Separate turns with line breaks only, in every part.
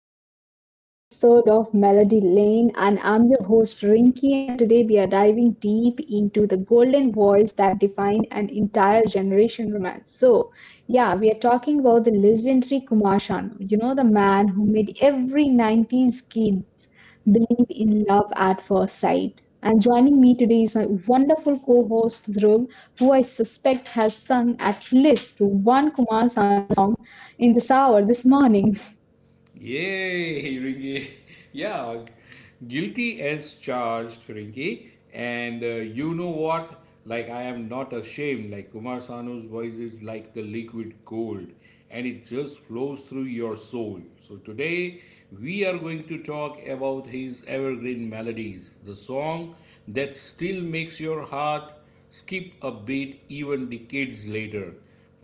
another soulful episode of Melody Lane. And I'm your host, Rinky, and today we are diving deep into the golden voice that defined an entire generation romance. So, yeah, we are talking about the legendary Kumar Sanu, the man who made every 90s kids believe in love at first sight. And joining me today is my wonderful co host, Dhruv, who I suspect has sung at least one Kumar in this hour, this morning.
Yay, Ringy. Yeah, guilty as charged, Ringy. And you know what? Like, I am not ashamed. Like, Kumar Sanu's voice is like the liquid gold, and it just flows through your soul. So, today we are going to talk about his evergreen melodies, the song that still makes your heart skip a beat even decades later.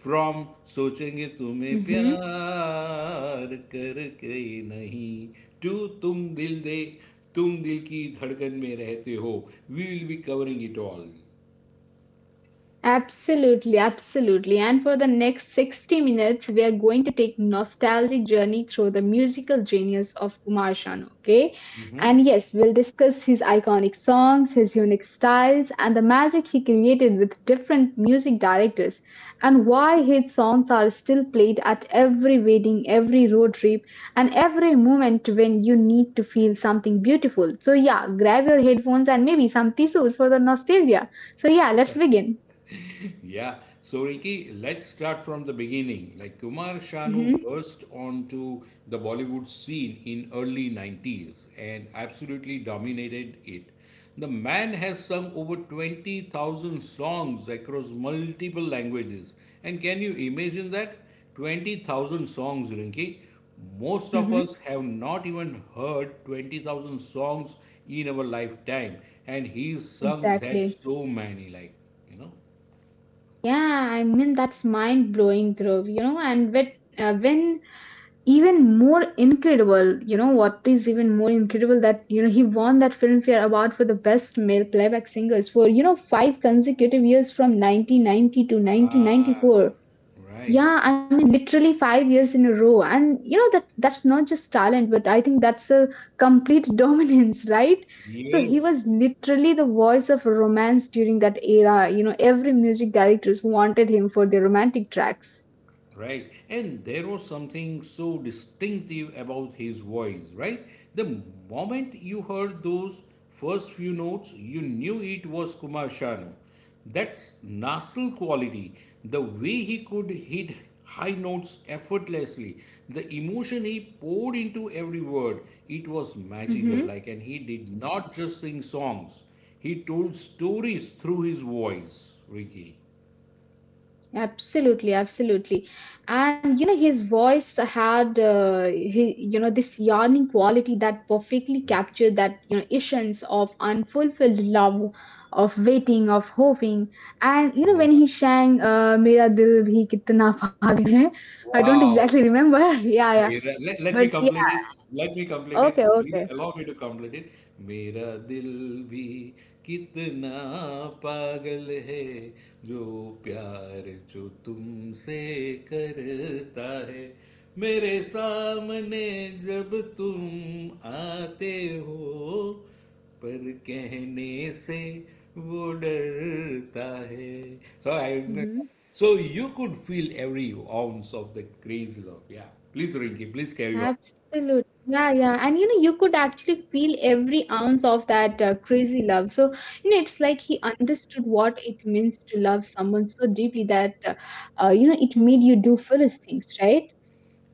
From सोचेंगे तुम्हें
Mhm.
प्यार करके नहीं to तुम दिल दे तुम दिल की धड़कन में रहते हो we will be covering it all.
Absolutely, absolutely. And for the next 60 minutes, we are going to take nostalgic journey through the musical genius of Kumar Sanu, okay? And yes, we'll discuss his iconic songs, his unique styles, and the magic he created with different music directors, and why his songs are still played at every wedding, every road trip, and every moment when you need to feel something beautiful. So yeah, grab your headphones and maybe some tissues for the nostalgia. So yeah, let's begin.
Yeah. So, Ricky, let's start from the beginning. Like, Kumar Sanu
Mm-hmm.
burst onto the Bollywood scene in early 90s and absolutely dominated it. The man has sung over 20,000 songs across multiple languages. And can you imagine that? 20,000 songs, Rinki. Most of
Mm-hmm.
us have not even heard 20,000 songs in our lifetime. And he's sung that
Exactly.
so many, like, you know.
Yeah, I mean that's mind blowing, Dhruv, you know, and when even more incredible, what is even more incredible that, he won that Filmfare Award for the best male playback singers for, five consecutive years from 1990 to
Ah,
1994.
right.
Yeah, I mean, literally 5 years in a row. And you know that's not just talent, but I think that's a complete dominance, right? So he
Yes.
was literally the voice of romance during that era. You know, every music directors wanted him for their romantic tracks.
Right, and there was something so distinctive about his voice, right? The moment you heard those first few notes, you knew it was Kumar Shanu. That's nasal quality, the way he could hit high notes effortlessly, the emotion he poured into every word, it was magical. Like, and he did not just sing songs, he told stories through his voice, Ricky.
Absolutely, absolutely. And you know, his voice had he, you know, this yearning quality that perfectly captured that, essence of unfulfilled love, of waiting, of hoping. And you know, when
Yeah.
he sang Mera Dil Bhi Kitna Pagal Hai, I don't
Wow.
exactly remember. Yeah, yeah.
मेरा let me
But
complete
yeah,
it, let me complete
okay,
it, please
okay.
allow me to complete it. मेरा दिल भी कितना पागल है जो प्यार जो तुमसे करता है मेरे सामने जब तुम आते हो पर कहने से वो डरता है. So I,
Mm-hmm.
so you could feel every ounce of the crazy love. Yeah, please, Rinki, please carry
Absolutely. Yeah, yeah. And you know, you could actually feel every ounce of that crazy love. So, you know, it's like he understood what it means to love someone so deeply that it made you do foolish things, right?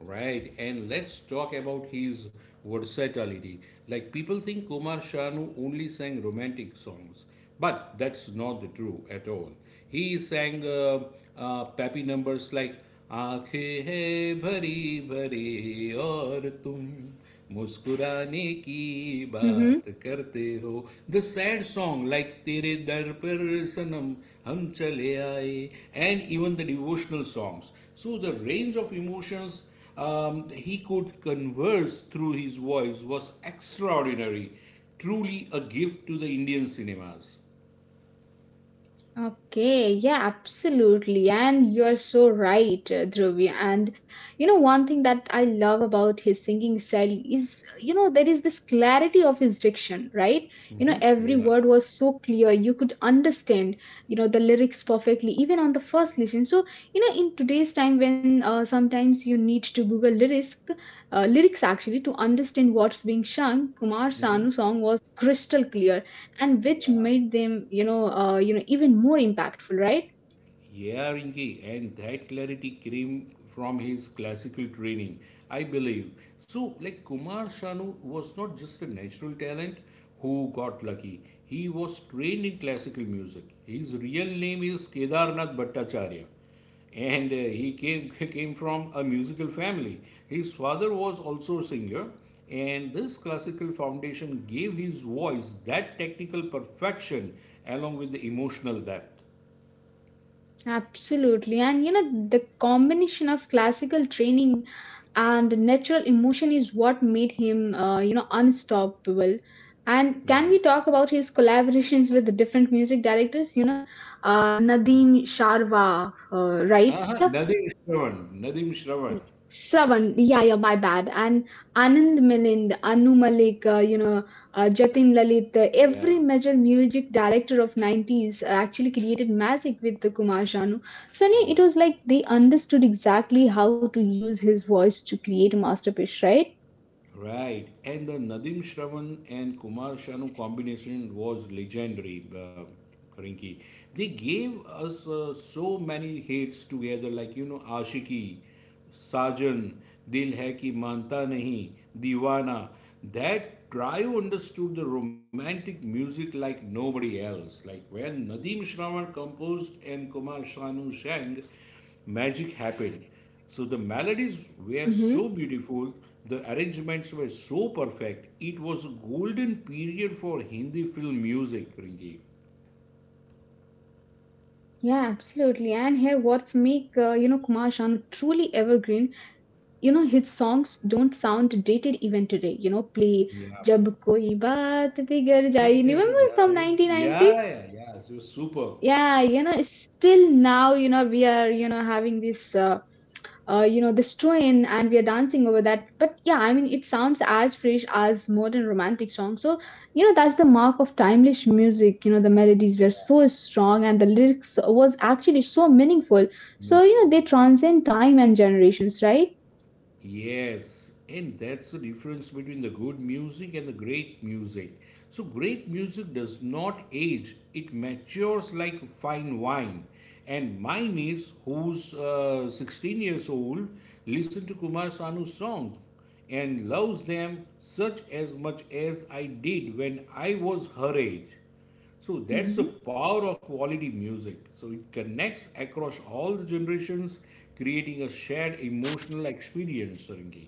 on. Right, and let's talk about his versatility. Like, people think Kumar Shanu only sang romantic songs, but that's not the true at all. He sang peppy numbers like आंखें है भरी भरी और तुम मुस्कुराने की
Mm-hmm.
बात करते हो, द सैड सॉन्ग लाइक तेरे दर पर सनम हम चले आए, and even the devotional songs. So the range of emotions he could converse through his voice was extraordinary. Truly a gift to the Indian cinemas.
Okay, yeah, absolutely. And you're so right, Dhruvi. And you know, one thing that I love about his singing style is, there is this clarity of his diction, right? You know, every word was so clear. You could understand, the lyrics perfectly, even on the first listen. So, you know, in today's time when sometimes you need to Google lyrics, lyrics actually to understand what's being sung, Kumar Sanu song was crystal clear and which
या.
made them even more impactful, right?
Yeah, Rinki, and that clarity came from his classical training, I believe. So, like, Kumar Sanu was not just a natural talent who got lucky. He was trained in classical music. His real name is Kedarnath Bhattacharya, and he came came from a musical family. His father was also a singer, and this classical foundation gave his voice that technical perfection along with the emotional depth.
Absolutely, and you know the combination of classical training and natural emotion is what made him unstoppable. And
Yeah.
can we talk about his collaborations with the different music directors, you know, nadeem sharwa, right?
Uh-huh. Nadeem Shravan. Nadeem
Y-
Shravan.
Shravan, yeah, yeah, my bad. And Anand Milind, Anu Malik, Jatin Lalit, every
Yeah.
major music director of 90s actually created magic with the Kumar Sanu. So yeah, it
Yeah.
was like they understood exactly how to use his voice to create a masterpiece, right?
Right, and the Nadim Shravan and Kumar Shanu combination was legendary, Rinki. They gave us so many hits together, like, you know, Ashiki, Sajan, Dil Hai Ki Manta Nahi, Divana. That trio understood the romantic music like nobody else. Like, when Nadim Shravan composed and Kumar Sanu sang, magic happened. So the melodies were
Mm-hmm.
so beautiful, the arrangements were so perfect. It was a golden period for Hindi film music, Rinki.
Yeah, absolutely. And here, what's make Kumar Sanu truly evergreen, you know his songs don't sound dated even today. You know play
Yeah.
jab koi baat bigar jaye, remember from
Yeah, yeah,
1990?
yeah. It was super
Yeah, you know still now, you know we are, you know having this this train and we are dancing over that, but yeah I mean it sounds as fresh as modern romantic songs. So you know that's the mark of timeless music, you know the melodies were so strong and the lyrics was actually so meaningful. So you know
meaningful.
they transcend time and generations, right?
Yes, and that's the difference between the good music and the great music. So, great music does not age, it matures like fine wine. And my niece, who's 16 years old, listens to Kumar Sanu's songs and loves them such as much as I did when I was her age. So that's the
Hmm.
power of quality music. So it connects across all the generations, creating a shared emotional experience, Sarangi.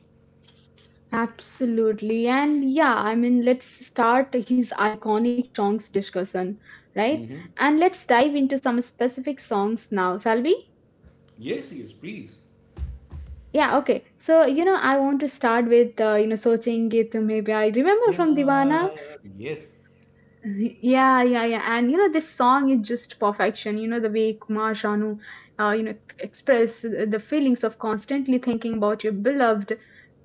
Absolutely. And yeah, I mean, let's start his iconic songs discussion, right? And let's dive into some specific songs now, shall we?
Yes, yes, please.
Yeah, okay. So, you know, I want to start with, Sochenge Tumhe Pyar. Remember from
Yeah,
Divana?
yes.
Yeah, yeah, yeah. And, you know, this song is just perfection. You know, the way Kumar Sanu, express the feelings of constantly thinking about your beloved,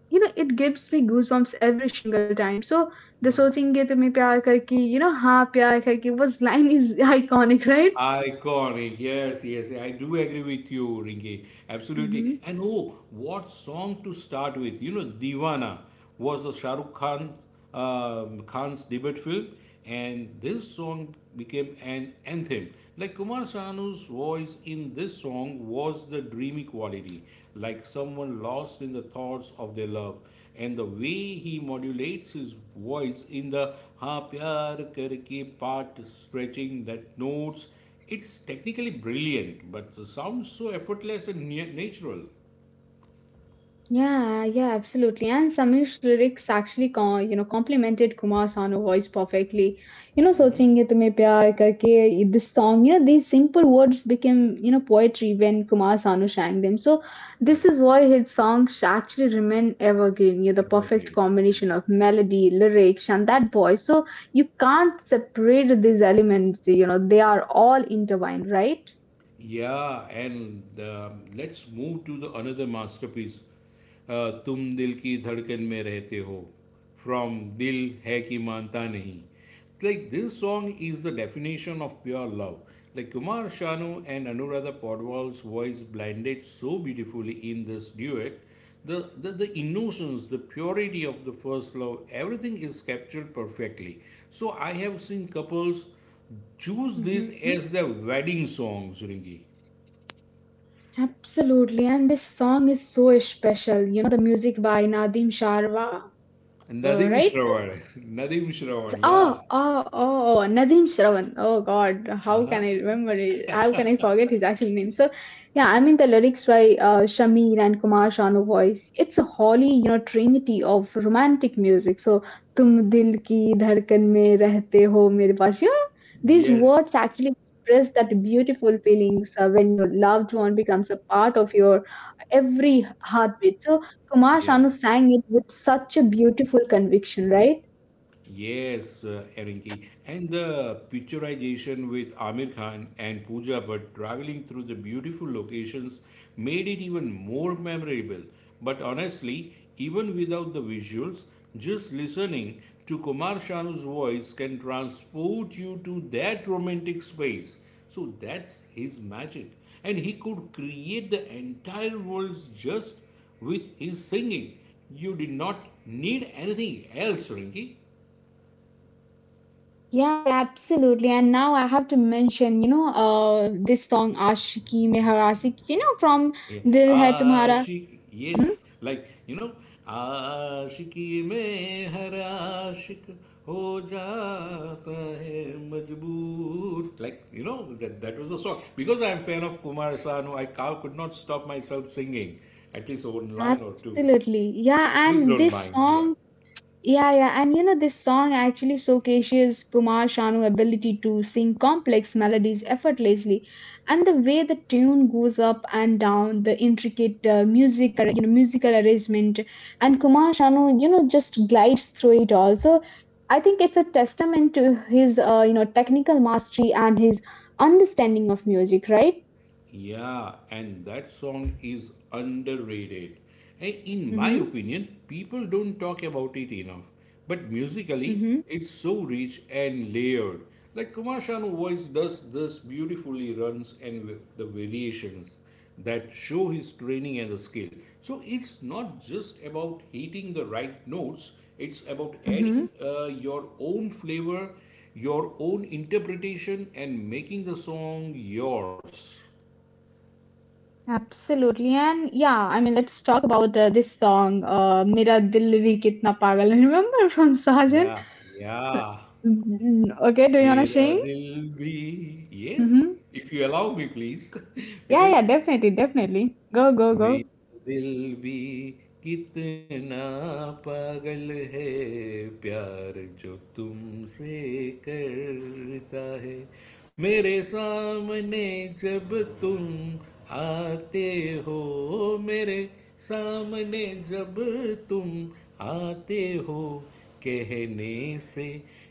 you know it gives me goosebumps every single time. So the
Yeah.
सोचेंगे तुम्हें प्यार करके, you know हाँ प्यार करके was line is iconic, right?
Iconic, yes, yes, I do agree with you, Ringy. Absolutely. And oh, what song to start with? You know, Divana was the Shah Rukh Khan, um, Khan's debut film, and this song became an anthem. Like, Kumar Sanu's voice in this song was the dreamy quality, like someone lost in the thoughts of their love, and the way he modulates his voice in the ha pyar karke part, stretching that notes, it's technically brilliant, but the sounds so effortless and natural.
Yeah, yeah, absolutely. And Samir's lyrics actually, complemented Kumar Sanu voice perfectly. You know,
Hmm.
सोचेंगे तुम्हें प्यार karke this song, you know, these simple words became, poetry when Kumar Sanu sang them. So
Yeah.
this is why his songs actually remain evergreen, you know, the
Ever
perfect
great.
combination of melody, lyrics, and that voice. So you can't separate these elements, you know, they are all intertwined, right?
Yeah, and let's move to the another masterpiece. तुम दिल की धड़कन में रहते हो from दिल है कि मानता नहीं. It's like this song is the definition of pure love. Like, Kumar Shanu and Anuradha Podwal's voice blended so beautifully in this duet. The emotions, the purity of the first love, everything is captured perfectly. So I have seen couples choose this as the wedding song, Suringi.
Absolutely, and this song is so special. You know, the music by Nadim Sharwa,
Nadeem
right?
Shravan. Nadeem Shravan, yeah.
Oh, oh, oh, oh, Nadeem Shravan. Oh God, how can I
Uh-huh.
remember it? How can I forget his actual name? So, yeah, I mean the lyrics by Shamir and Kumar Sanu voice. It's a holy, you know, trinity of romantic music. So, tum dil ki धड़कन mein रहते ho mere paas. You know, these
Yes,
words actually express that beautiful feelings when your loved one becomes a part of your every heartbeat. So, Kumar
yeah.
Sanu sang it with such a beautiful conviction, right?
Yes, Erinki. And the picturization with Amir Khan and Pooja but traveling through the beautiful locations made it even more memorable. But honestly, even without the visuals, just listening to Kumar Shanu's voice can transport you to that romantic space. So that's his magic. And he could create the entire world just with his singing. You did not need anything else, Rinki.
Yeah, yeah, absolutely. And now I have to mention, this song Ashiki Meharasi, you know, from
Yeah.
Dil Hai Tumhara.
Ashik,
Hmm?
yes. Like, you know, आशिकी में हर आशिक हो जाता है मजबूर, like, you know, that that was a song, because I'm fan of Kumar Sanu, I could not stop myself singing at least one line or two.
Absolutely. Yeah,
Please
and
don't
this
mind. Yeah.
song Yeah, yeah, and you know this song actually showcases Kumar Shanu's ability to sing complex melodies effortlessly, and the way the tune goes up and down, the intricate musical arrangement, and Kumar Shanu, just glides through it all. So I think it's a testament to his, technical mastery and his understanding of music, right?
Yeah, and that song is underrated. Eh, in my
Mm-hmm.
opinion, people don't talk about it enough. But musically,
Mm-hmm.
it's so rich and layered. Like, Kumar Sanu's voice does this beautifully runs and the variations that show his training and the skill. So it's not just about hitting the right notes, it's about
Mhm.
adding your own flavor, your own interpretation, and making the song yours.
Absolutely. And yeah, I mean, let's talk about this song, Mera Dil Bhi Kitna Pagal. Remember from Sajan?
Yeah, yeah.
Okay, do you wanna
Mera
sing?
dil bhi. Yes,
Mm-hmm.
if you allow me, please.
Yeah, yeah,
Because
definitely, definitely. Go, go, go.
मेरा दिल भी कितना पागल है प्यार जो तुमसे करता है मेरे सामने जब तुम आते हो मेरे सामने जब तुम आते हो कहने से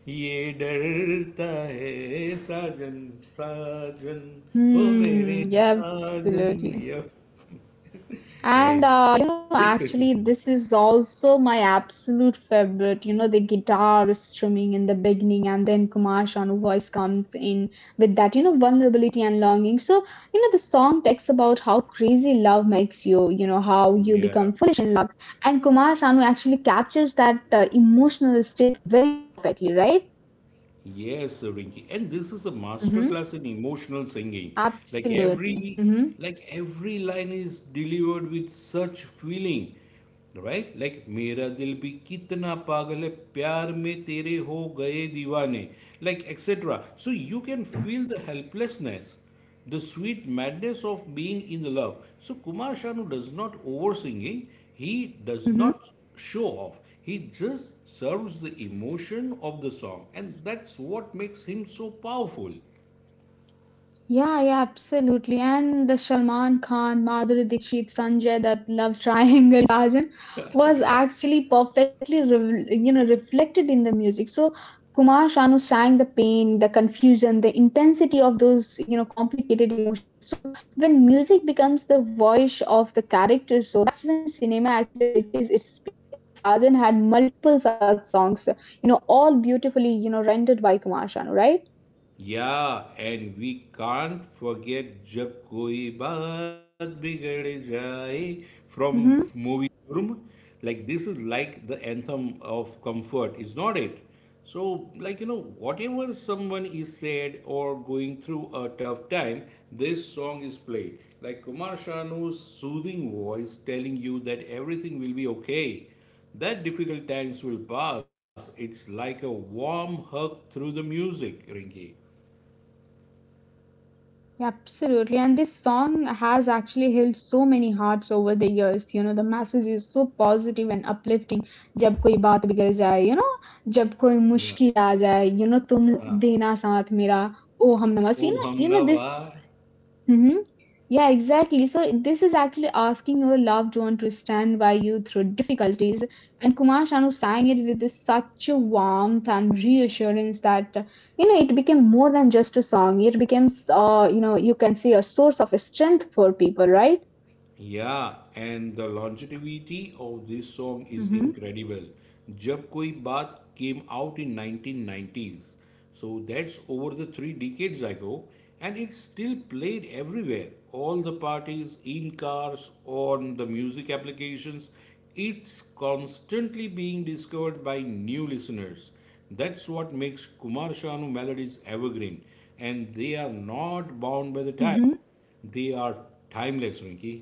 ये डरता है साजन साजन ओ
Hmm,
मेरे
yeah,
Arjun,
absolutely.
yep. Right.
And
Please continue.
actually, this is also my absolute favorite. You know, the guitar strumming in the beginning, and then Kumar Sanu voice comes in with that, vulnerability and longing. So, you know, the song talks about how crazy love makes you. You know, how you
Yeah.
become foolish in love, and Kumar Sanu actually captures that emotional state very perfectly, right?
Yes, Rinki. And this is a master
Hmm.
class in emotional singing. Like
Absolutely.
every
Hmm.
like every line is delivered with such feeling. Right? Like मेरा दिल भी कितना पागल है प्यार में तेरे हो गए दीवाने, like etc. So you can feel the helplessness, the sweet madness of being in love. So Kumar Sanu does not over singing. He does
Hmm.
not show off. He just serves the emotion of the song, and that's what makes him so powerful.
Yeah, yeah, absolutely. And the Salman Khan, Madhuri Dixit, Sanjay Dutt love triangle in Sajan
Yeah.
was actually perfectly, reflected in the music. So Kumar Sanu sang the pain, the confusion, the intensity of those, complicated emotions. So when music becomes the voice of the character, so that's when cinema actually reaches its peak. And Sajan had multiple such songs, all beautifully, rendered by Kumar Sanu, right?
Yeah, and we can't forget Jab Koi Baat Bigad Jaye from
Mm-hmm.
movie Dhurm. Like, this is like the anthem of comfort, is not it? So, like, you know, whatever someone is sad or going through a tough time, this song is played. Like, Kumar Shanu's soothing voice telling you that everything will be okay. That difficult times will pass. It's like a warm hug through the music, Rinki.
Yeah, absolutely. And this song has actually healed so many hearts over the years. You know, the message is so positive and uplifting. जब कोई बात बिगड़ जाए, you know, जब कोई
Yeah.
मुश्किल आ जाए, you know, तुम
Ah.
देना साथ मेरा, ओ हम नमस.
Oh, Hum
You know this
Nawar.
Mhm. Yeah, exactly. So this is actually asking your loved one to stand by you through difficulties. And Kumar Sanu sang it with such a warmth and reassurance that you know it became more than just a song. It became, you can say a source of strength for people, right?
Yeah, and the longevity of this song is
Mm-hmm.
incredible. Jab Koi Baat came out in 1990s, so that's over the three decades ago, and it's still played everywhere. All the parties, in cars, on the music applications, it's constantly being discovered by new listeners. That's what makes Kumar Sanu melodies evergreen, and they are not bound by the time.
Mm-hmm.
They are timeless, Rinki.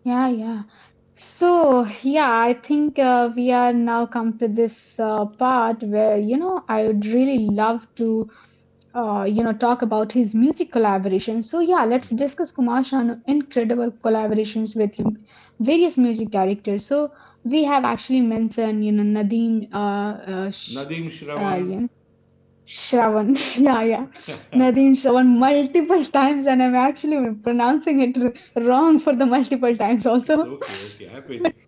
Yeah, yeah. So, yeah, I think we are now come to this part where, you know, I would really love to talk about his music collaborations. So yeah, let's
Yeah.
discuss kumar Shanu incredible collaborations with various music directors. So we have actually mentioned you know nadeem
Nadeem
uh
Shravan.
you know, shravan yeah yeah nadeem shravan multiple times and I'm actually pronouncing it wrong for the multiple times also
It's okay, okay. Happens.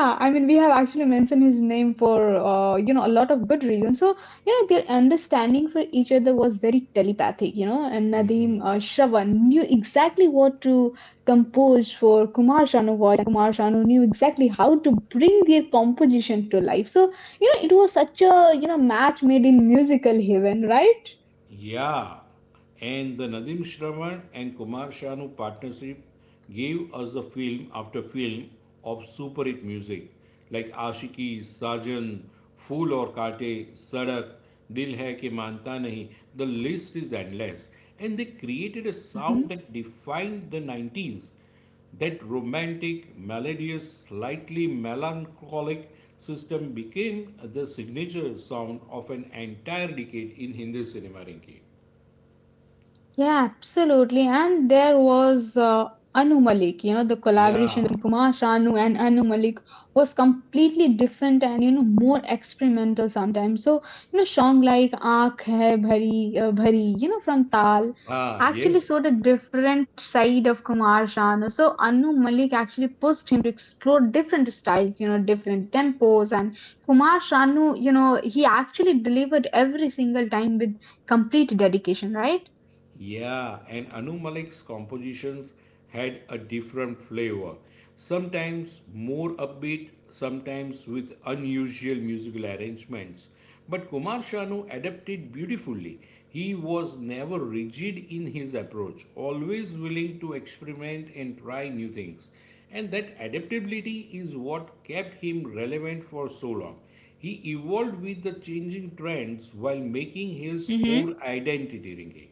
Yeah, I mean, we have actually mentioned his name for you know a lot of good reasons. So you know their understanding for each other was very telepathic. You know, and Nadeem
Hmm.
Shravan knew exactly what to compose for Kumar Sanu voice, and Kumar Sanu knew exactly how to bring their composition to life. So you know, it was such a you know match made in musical heaven, right?
Yeah. And the Nadeem Shravan and Kumar Shanu partnership gave us a film after film of super hit music like Ashiki, Sajan, Fool or Kaate, Sadak, Dil Hai Ke Manta Nahi. The list is endless. And they created a sound that defined the 90s. That romantic, melodious, slightly melancholic system became the signature sound of an entire decade in Hindi cinema, Rinki.
Yeah, absolutely. And there was Anu Malik, you know, the
Yeah.
collaboration between Kumar Sanu and Anu Malik was completely different and, you know, more experimental sometimes. So, you know, song like Aankh Hai Bhari, Bhari, you know, from Tal
Ah,
actually
yes.
showed a different side of Kumar Sanu. So, Anu Malik actually pushed him to explore different styles, you know, different tempos. And Kumar Sanu, you know, he actually delivered every single time with complete dedication, right?
Yeah, and Anu Malik's compositions had a different flavor. Sometimes more upbeat, sometimes with unusual musical arrangements. But Kumar Shanu adapted beautifully. He was never rigid in his approach, always willing to experiment and try new things. And that adaptability is what kept him relevant for so long. He evolved with the changing trends while making his
Mhm.
core identity ringing.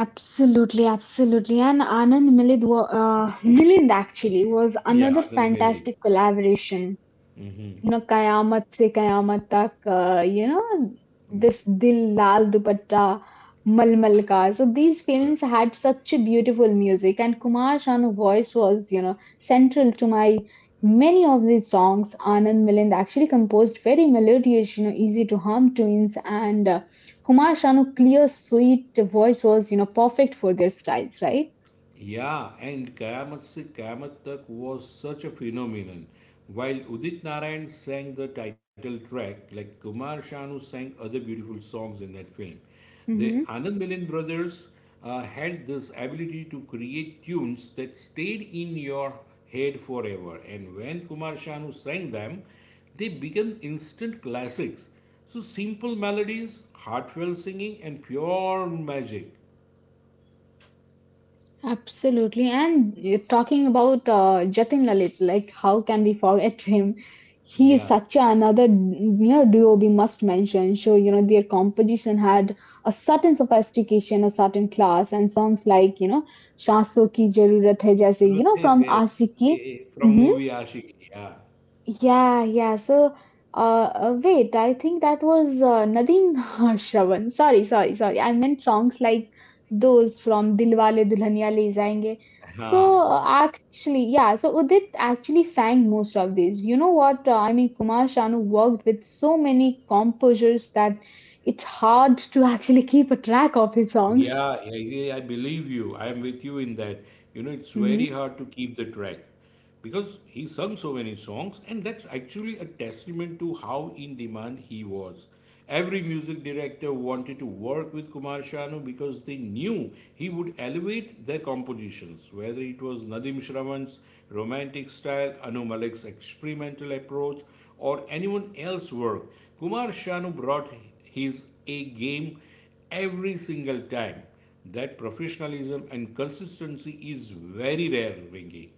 Absolutely, absolutely. And Milind actually was
Yeah,
another
Anand Mele.
fantastic collaboration. You know, Kayamat se Kayamat tak, you know, this Dil Lal Dupatta. Malmal Ka. So these
Right.
films had such a beautiful music, and Kumar Sanu's voice was, you know, central to my many of these songs. Anand Milind actually composed very melodious, you know, easy to hum tunes, and Kumar Sanu's clear, sweet voice was, you know, perfect for their styles, right?
Yeah, and Kayamat Se Kayamat Tak was such a phenomenon. While Udit Narayan sang the title track, like, Kumar Shanu sang other beautiful songs in that film. The
Hmm.
Anand Milan brothers had this ability to create tunes that stayed in your head forever. And when Kumar Shanu sang them, they became instant classics. So simple melodies, heartfelt singing, and pure magic.
Absolutely. And you're talking about Jatin Lalit, like how can we forget him? He is
Yeah.
such another, you know, duo we must mention. So, you know, their composition had a certain sophistication, a certain class, and songs like, you know, Shaso ki Jarurat Hai, jaise, you
Ruth
know,
is
from
a,
Aashiqui.
from movie Ashiki. Yeah.
Yeah, yeah. So, wait, I think that was Nadeem Shravan. Sorry, sorry, sorry. I meant songs like those from Dilwale Dulhaniya Le Jayenge.
Huh.
So, actually, yeah, so Udit actually sang most of these. You know what? I mean, Kumar Sanu worked with so many composers that it's hard to actually keep a track of his songs.
Yeah, I believe you. I am with you in that. You know, it's very
Mm-hmm.
hard to keep the track because he sung so many songs, and that's actually a testament to how in demand he was. Every music director wanted to work with Kumar Sanu because they knew he would elevate their compositions, whether it was Nadim Shravan's romantic style, Anu Malik's experimental approach, or anyone else's work. Kumar Sanu brought his A game every single time. That professionalism and consistency is very rare, Ringy.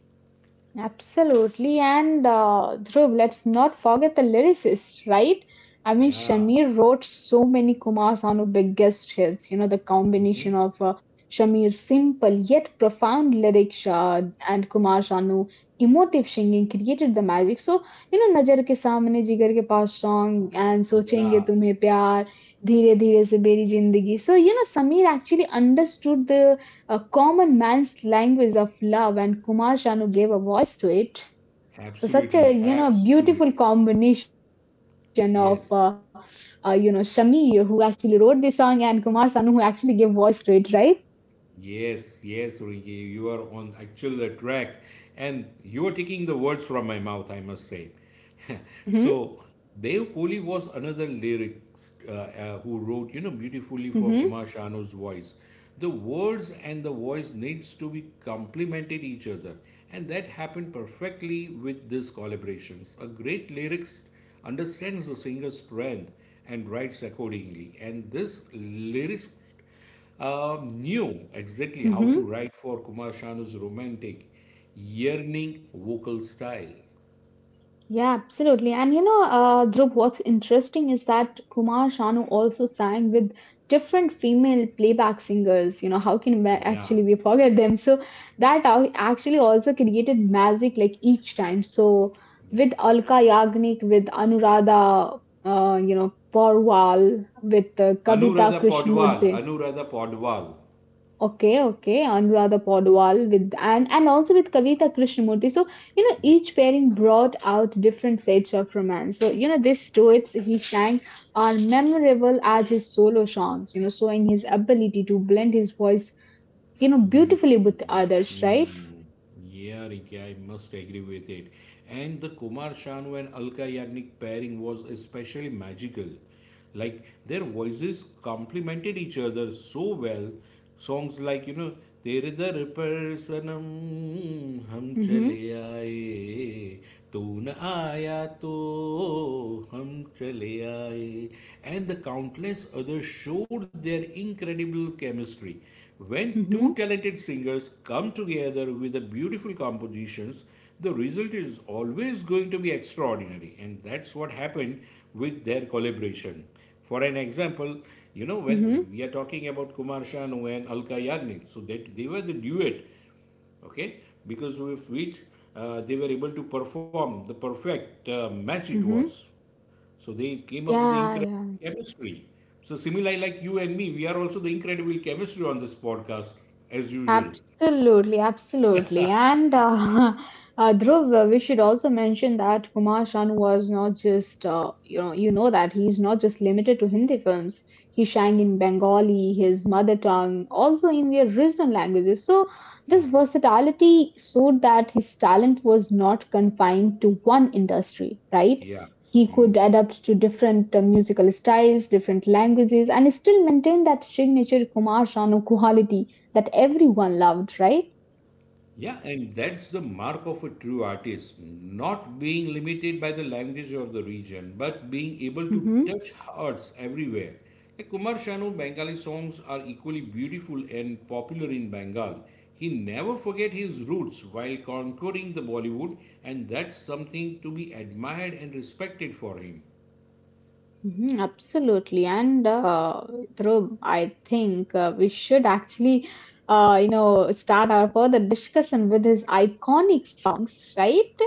Absolutely. And Dhruv, let's not forget the lyricist, right? I mean,
Yeah,
Shamir wrote so many Kumar Sanu biggest hits. You know, the combination of Shamir's simple yet profound lyrics and Kumar Sanu emotive singing created the magic. So, you know, नजर के सामने जिगर के पास song and सोचेंगे
yeah,
तुम्हें प्यार धीरे धीरे से मेरी जिंदगी. So, you know, Samir actually understood the a common man's language of love and Kumar Sanu gave a voice to it. So such a,
absolutely,
you know, beautiful
absolutely.
combination of you
Yes.
know, Shamir who actually wrote this song and Kumar Sanu who actually gave voice to it, right?
Yes, yes, Rinki, you are on actual the track, and you are taking the words from my mouth, I must say.
Mm-hmm,
So, Dev Kohli was another lyricist who wrote, you know, beautifully for
mm-hmm,
Kumar Shanu's voice. The words and the voice needs to be complemented each other, and that happened perfectly with these collaborations. A great lyricist understands the singer's strength and writes accordingly, and this lyricist knew exactly how
mm-hmm.
to write for Kumar Shanu's romantic, yearning vocal style.
Yeah, absolutely. And you know, Dhruv, what's interesting is that Kumar Sanu also sang with different female playback singers. You know, how can we
Yeah.
actually we forget them? So that au- actually also created magic like each time. So
Yeah.
with Alka Yagnik, with Anuradha, you know, Porwal, with Kavita
Anuradha Podwal,
Krishnamurthy.
Anuradha Podwal.
Okay, okay, Anuradha Podwal with and also with Kavita Krishnamurti. So you know each pairing brought out different sets of romance. So you know these duets he sang are memorable as his solo songs. You know, showing his ability to blend his voice, you know, beautifully
Beautiful.
with others, right?
Mm. Yeah, Ricky, I must agree with it. And the Kumar Sanu and Alka Yagnik pairing was especially magical. Like their voices complemented each other so well. Songs like, you know, तेरे दर पर सनम हम
Mm-hmm.
चले आए तू न Aaya To, हम Chale Aaye, and the countless others showed their incredible chemistry. When
Mm-hmm.
two talented singers come together with the beautiful compositions, the result is always going to be extraordinary, and that's what happened with their collaboration. For an example, you know,
Mm-hmm.
when we are talking about Kumar Sanu and Alka Yagnik, so that they were the duet, okay, because of which they were able to perform the perfect match it was.
Mm-hmm.
So they came up with the
Yeah.
incredible
Yeah.
chemistry. So similarly, like you and me, we are also the incredible chemistry on this podcast, as usual.
Absolutely, absolutely. And Dhruv, we should also mention that Kumar Shan was not just, you know that he's not just limited to Hindi films. He sang in Bengali, his mother tongue, also in the original languages. So
Yeah.
this versatility showed that his talent was not confined to one industry, right?
Yeah.
He could adapt to different musical styles, different languages, and still maintain that signature Kumar Sanu quality that everyone loved, right?
Yeah, and that's the mark of a true artist, not being limited by the language of the region, but being able to
Mm-hmm.
touch hearts everywhere. Like Kumar Sanu Bengali songs are equally beautiful and popular in Bengal. He never forget his roots while conquering the Bollywood, and that's something to be admired and respected for him.
Mm-hmm, absolutely. And Dhruv, I think we should actually, you know, start our further discussion with his iconic songs, right?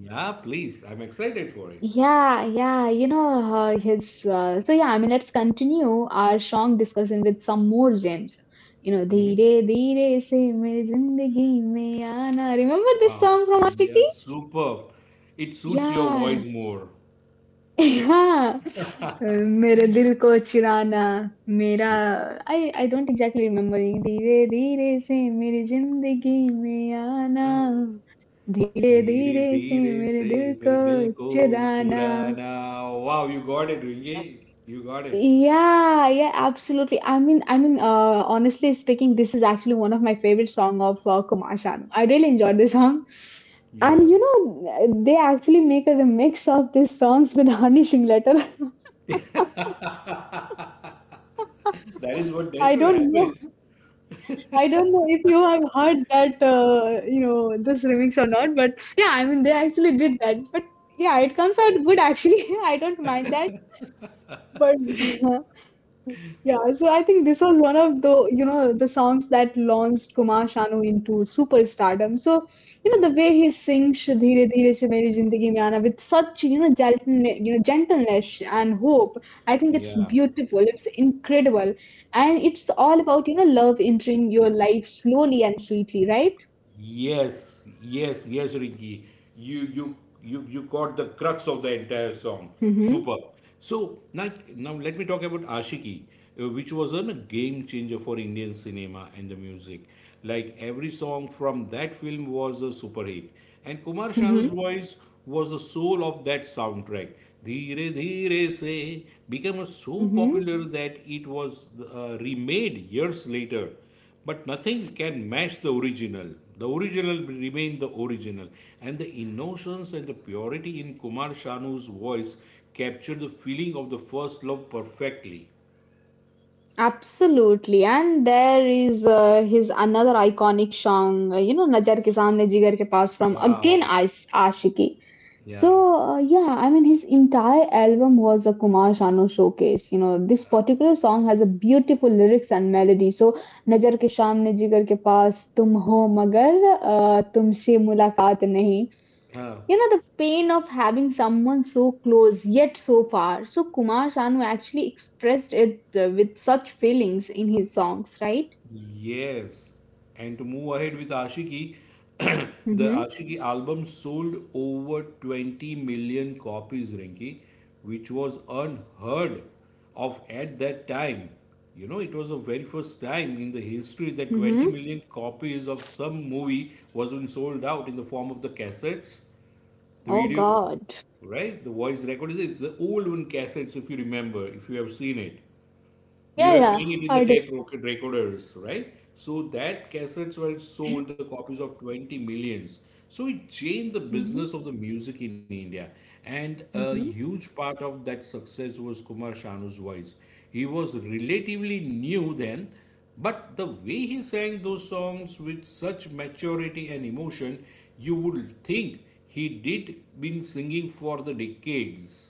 Yeah, please, I'm excited for it.
Yeah, yeah, you know, his so yeah, I mean, let's continue our song discussion with some more gems. You know, Dheere Dheere Se Mere Zindagi Mein Aana. Remember this
Wow,
song from
yeah,
Aashiqui?
superb. It suits your
Yeah,
voice more.
yeah. मेरे दिल को चुराना मेरा I I don't exactly remembering धीरे धीरे से मेरी जिंदगी में आना
Yes.
धीरे
दीरे
धीरे से
दीरे
मेरे
से
दिल
परे
को
दिल को
चुराना.
चुरानाओ वाव, you got it, Ringe, you got it,
Yeah, yeah, absolutely. Honestly speaking, this is actually one of my favorite song of Kumar Sanu. I really enjoyed this song,
you wow.
and you know, they actually make a remix of these songs with Honey Singleton.
That is what
I
desperate
don't know.
happens.
I don't know if you have heard that, you know, this remix or not. But yeah, I mean, they actually did that. But yeah, it comes out good actually. I don't mind that. But yeah, so I think this was one of the, you know, the songs that launched Kumar Sanu into superstardom. So, you
Yeah.
know, the way he sings "Dheere Dheere Se Meri Zindagi Mein Aana" with such, you know, gentleness and hope, I think it's
Yeah.
beautiful. It's incredible, and it's all about, you know, love entering your life slowly and sweetly, right?
Yes, yes, yes, Rinki. You you you got the crux of the entire song.
Mm-hmm.
Super. So now, now let me talk about Ashiki, which was a game changer for Indian cinema and the music. Like every song from that film was a super hit, and Kumar Shanu's
Mm-hmm.
voice was the soul of that soundtrack. Dheere Dheere Se became so
Mm-hmm.
popular that it was remade years later, but nothing can match the original. The original remain the original. And the innocence and the purity in Kumar Shanu's voice capture the feeling of the first love perfectly.
Absolutely, and there is his another iconic song, you know, "Nazar ke saamne jigar ke paas" from
Wow.
again Ashiki. So
Yeah.
yeah, I mean, his entire album was a Kumar Sanu showcase. You know, this particular song has a beautiful lyrics and melody. So "Nazar ke saamne jigar ke paas, tum ho magar tumse mulaqat nahi."
Yeah.
You know, the pain of having someone so close yet so far. So, Kumar Sanu actually expressed it with such feelings in his songs, right?
Yes, and to move ahead with Ashiki, the
Mm-hmm.
Ashiki album sold over 20 million copies, Rinki, which was unheard of at that time. You know, it was the very first time in the history that 20
Mm-hmm.
million copies of some movie was been sold out in the form of the cassettes,
Oh,
the video,
God.
right? The voice record is the old one cassettes, if you remember, if you have seen it, we
Yeah,
were
yeah,
playing it in the
I do.
recorders, right? So that cassettes were sold, the copies of 20 millions. So it changed the
Mm-hmm.
business of the music in India. And a
Mm-hmm.
huge part of that success was Kumar Shanu's voice. He was relatively new then, but the way he sang those songs with such maturity and emotion, you would think he did been singing for the decades.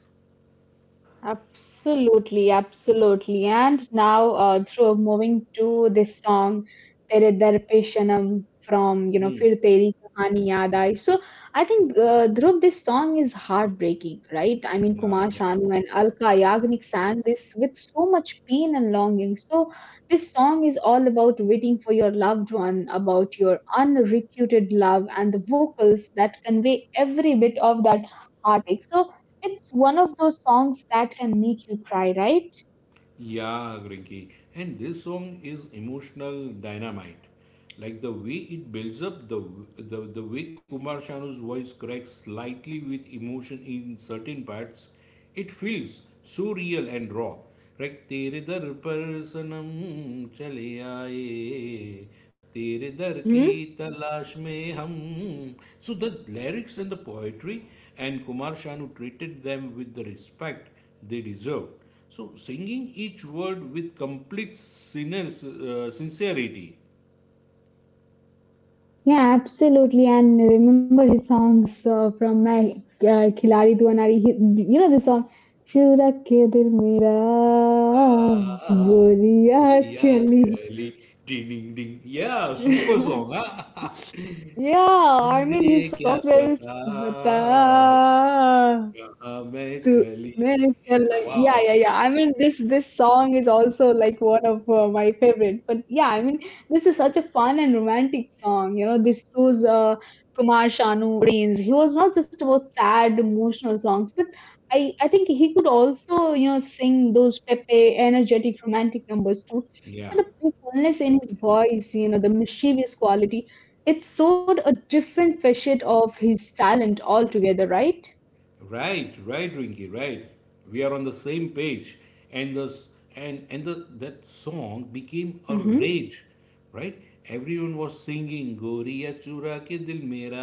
Absolutely, absolutely. And now, through moving to this song, Tere Dar Pe Sanam from, you know, Fir Teri Kahani Yaad Aayi. So I think, Dhruv, this song is heartbreaking, right? I mean, Kumar Sanu and Alka Yagnik sang this with so much pain and longing. So this song is all about waiting for your loved one, about your unrequited love, and the vocals that convey every bit of that heartache. So it's one of those songs that can make you cry, right?
Yeah, Grinky. And this song is emotional dynamite. Like the way it builds up, the way Kumar Shanu's voice cracks slightly with emotion in certain parts, it feels so real and raw. Like Tere Dar पर सनम चले आए तेरे दर की
Mm-hmm.
तलाश में हम, so the lyrics and the poetry, and Kumar Shanu treated them with the respect they deserved. So, singing each word with complete sincerity.
Yeah, absolutely. And remember his songs from my Khiladi Diwanari. He, you know the song, "Chura ke dil mera
Ah,
goriya
Gloria
chali."
Chali, ding ding ding. Yeah, super song. Huh?
Yeah, I
मुझे
mean his
क्या
songs
पता
were bata
कहाँ मैं
To
चली
Mere Chala. Yeah,
Wow.
yeah, yeah. I mean, this song is also like one of my favorite. But yeah, I mean, this is such a fun and romantic song. You know, this shows Kumar Sanu brains. He was not just about sad, emotional songs, but I think he could also you know sing those pepe, energetic, romantic numbers too.
Yeah.
So the playfulness in his voice, you know, the mischievous quality, it showed a different facet of his talent altogether, right?
Right, right, Rinky, right. We are on the same page, and the s- and the that song became a
Mm-hmm.
rage, right? Everyone was singing "Goriya chura ke dil mera,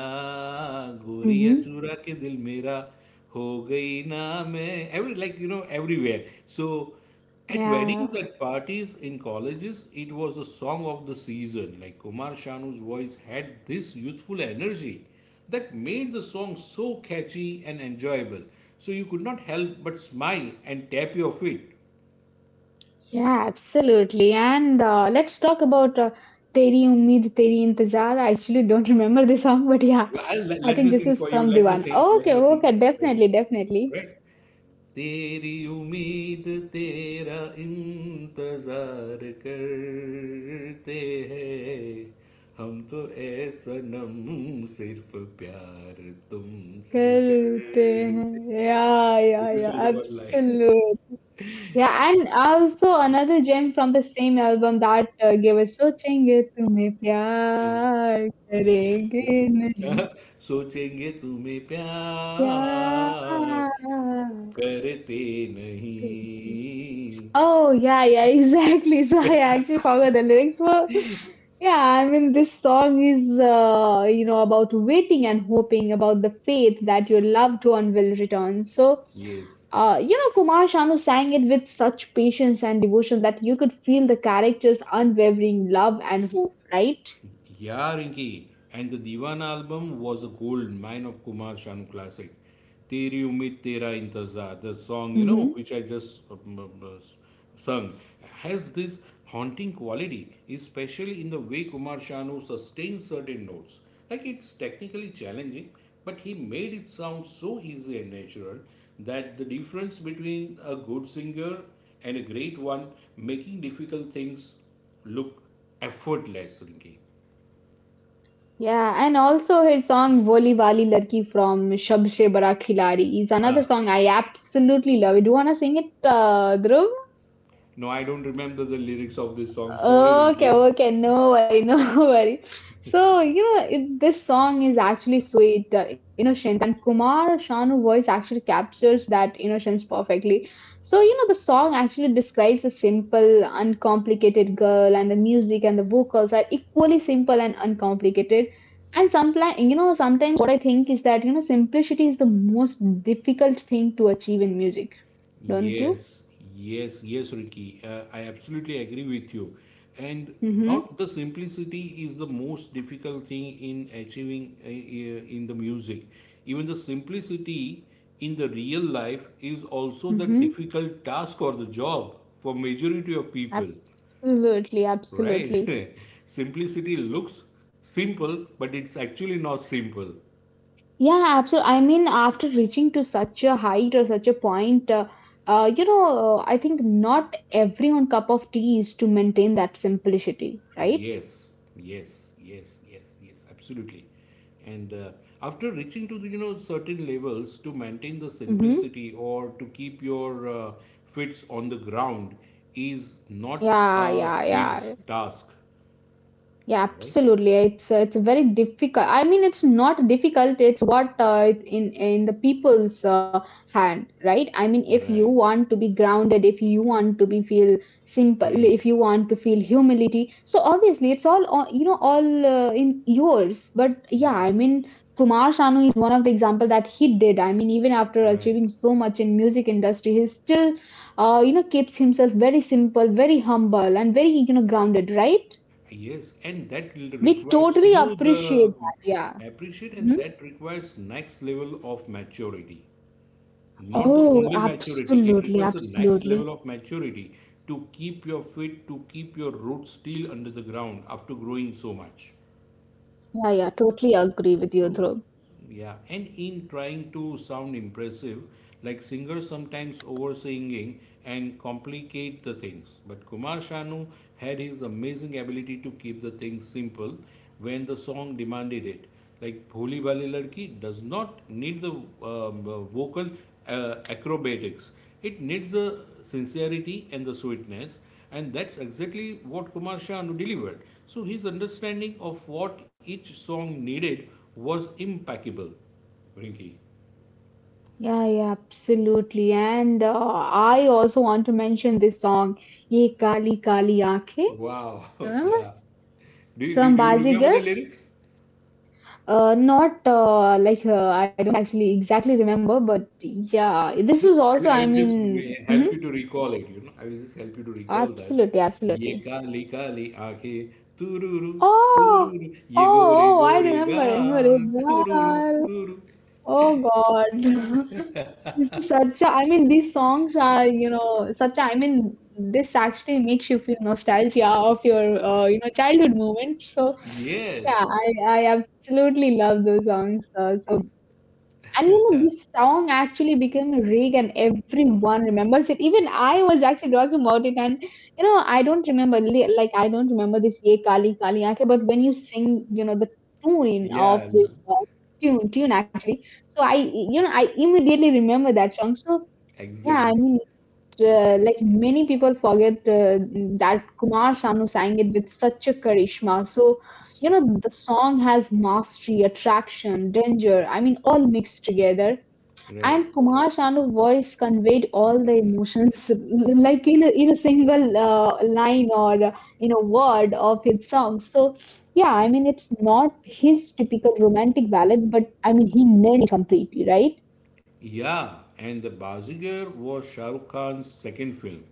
Goriya
Mm-hmm.
chura ke dil mera, ho gayi na main." Every like you know everywhere. So at weddings,
Yeah,
at parties, in colleges, it was a song of the season. Like Kumar Shanu's voice had this youthful energy that made the song so catchy and enjoyable. So you could not help but smile and tap your feet.
yeah, absolutely. And let's talk about Teri Umid, Teri Intezar. I actually don't remember the song, but yeah,
Well, let
I
me
think
sing
this
for
is
you. Let
from
me
the one.
sing. Let me
Okay,
sing.
okay,
Let me.
definitely, definitely.
Right? तेरी उम्मीद तेरा इंतजार करते हैं हम तो ऐ सनम सिर्फ प्यार तुमसे
करते हैं.
करते हैं.
Yeah,
So
yeah,
this
yeah,
was the one line.
absolutely. Yeah, and also another gem from the same album that gave us सोचेंगे तुम्हें
Yeah.
प्यार करेंगे नहीं
Correct. सोचेंगे तुम्हें
प्यार.
प्यार करते नहीं
Oh, yeah, yeah, exactly. So I actually forgot the lyrics were. Yeah, I mean, this song is, you know, about waiting and hoping, about the faith that your loved one will return. So,
yes
you know, Kumar Sanu sang it with such patience and devotion that you could feel the character's unwavering love and hope, right?
Yeah, Rinki. And the Diwan album was a gold mine of Kumar Sanu classic. Teri Umid Tera Intezar, the song, you know,
Hmm.
which I just sung, has this haunting quality, especially in the way Kumar Sanu sustains certain notes. Like it's technically challenging, but he made it sound so easy and natural that the difference between a good singer and a great one making difficult things look effortless, Rinki.
Yeah, and also his song Voli Wali Larki from Shab Se Bada Khiladi is another
Ah,
song I absolutely love. Do you want to sing it, Dhruv?
no, I don't remember the lyrics of this song. Sorry,
Okay,
Ricky.
okay, no worry, no worry. So, you know, it, this song is actually sweet, innocent, and Kumar Shanu voice actually captures that innocence perfectly. So, you know, the song actually describes a simple, uncomplicated girl, and the music and the vocals are equally simple and uncomplicated. And sometimes, you know, sometimes what I think is that, you know, simplicity is the most difficult thing to achieve in music, don't you?
Yes, yes, yes, Ricky. I absolutely agree with you. And
Mm-hmm,
not the simplicity is the most difficult thing in achieving in the music. Even the simplicity in the real life is also the
mm-hmm.
difficult task or the job for majority of people,
Absolutely,
right?
absolutely.
Simplicity looks simple, but it's actually not simple.
Yeah, absolutely. I mean, after reaching to such a height or such a point, you know, I think not everyone cup of tea is to maintain that simplicity, right?
Yes, yes, yes, yes, yes, absolutely. And after reaching to the, you know, certain levels to maintain the
Mm-hmm.
simplicity or to keep your fits on the ground is not
Yeah,
a
yeah,
kid's
yeah.
task,
Yeah,
right?
absolutely. It's very difficult. I mean, it's not difficult. It's what in the people's hand, right? I mean, if you
Right.
want to be grounded, if you want to be feel simple,
Hmm.
if you want to feel humility, so obviously it's all you know all in yours. But yeah,
Yeah.
I mean, Kumar Sanu is one of the example that he did. I mean, even after
Right.
achieving so much in music industry, he still you know keeps himself very simple, very humble, and very you know
Right.
grounded, right?
Yes, and that will
We
requires you
totally
know
appreciate
the
that. Yeah.
appreciate, and
Mhm.
that requires next level of maturity. Not the
Oh,
only maturity, it
absolutely,
requires the next
absolutely.
level of maturity to keep your feet, to keep your roots still under the ground after growing so much.
Yeah, yeah, totally agree with you, Dhruv.
Yeah, and in trying to sound impressive, like singers sometimes over singing and complicate the things. But Kumar Sanu had his amazing ability to keep the things simple when the song demanded it. Like Bholi Bali Ladki does not need the vocal acrobatics, it needs the sincerity and the sweetness. And that's exactly what Kumar Sanu delivered. So his understanding of what each song needed was impeccable. Rinki.
Yeah, yeah, absolutely. And I also want to mention this song, Ye Kali Kali Aankhe,
Wow.
remember?
Yeah.
From
Do you remember the
Bazigar.
lyrics?
Not like I don't actually exactly remember, but yeah,
So
this is also,
I
I
will just
mean,
help
mhm,
you to recall it, you know. I will just help you to recall that.
absolutely,
Ye
absolutely.
kali kali aake, tururu,
Oh,
tururu, ye gore
oh, oh, I
gore
remember. I
gaan, tururu,
remember. It.
turu.
Oh God. This is such a, I mean, these songs are, you know, such a, I mean, this actually makes you feel nostalgia of your, you know, childhood moments. So yeah,
Yes.
I absolutely love those songs. And you know, this song actually became a rig, and everyone remembers it. Even I was actually talking about it, and you know, I don't remember like I don't remember this "Ye Kali Kali Aankhe," but when you sing, you know, the tune
Yeah,
of this tune actually, so I you know I immediately remember that song. So yeah, I
exactly.
mean, it, like many people forget that Kumar Sanu sang it with such a charisma. So you
S-
know, the song has mastery, attraction, danger. I mean all mixed together
Right.
and Kumar Sanu's voice conveyed all the emotions like in a single line or in a word of his song. So yeah, I mean it's not his typical romantic ballad, but I mean he nailed it completely, right?
Yeah, and the Bazigar was Shah Rukh Khan's second film,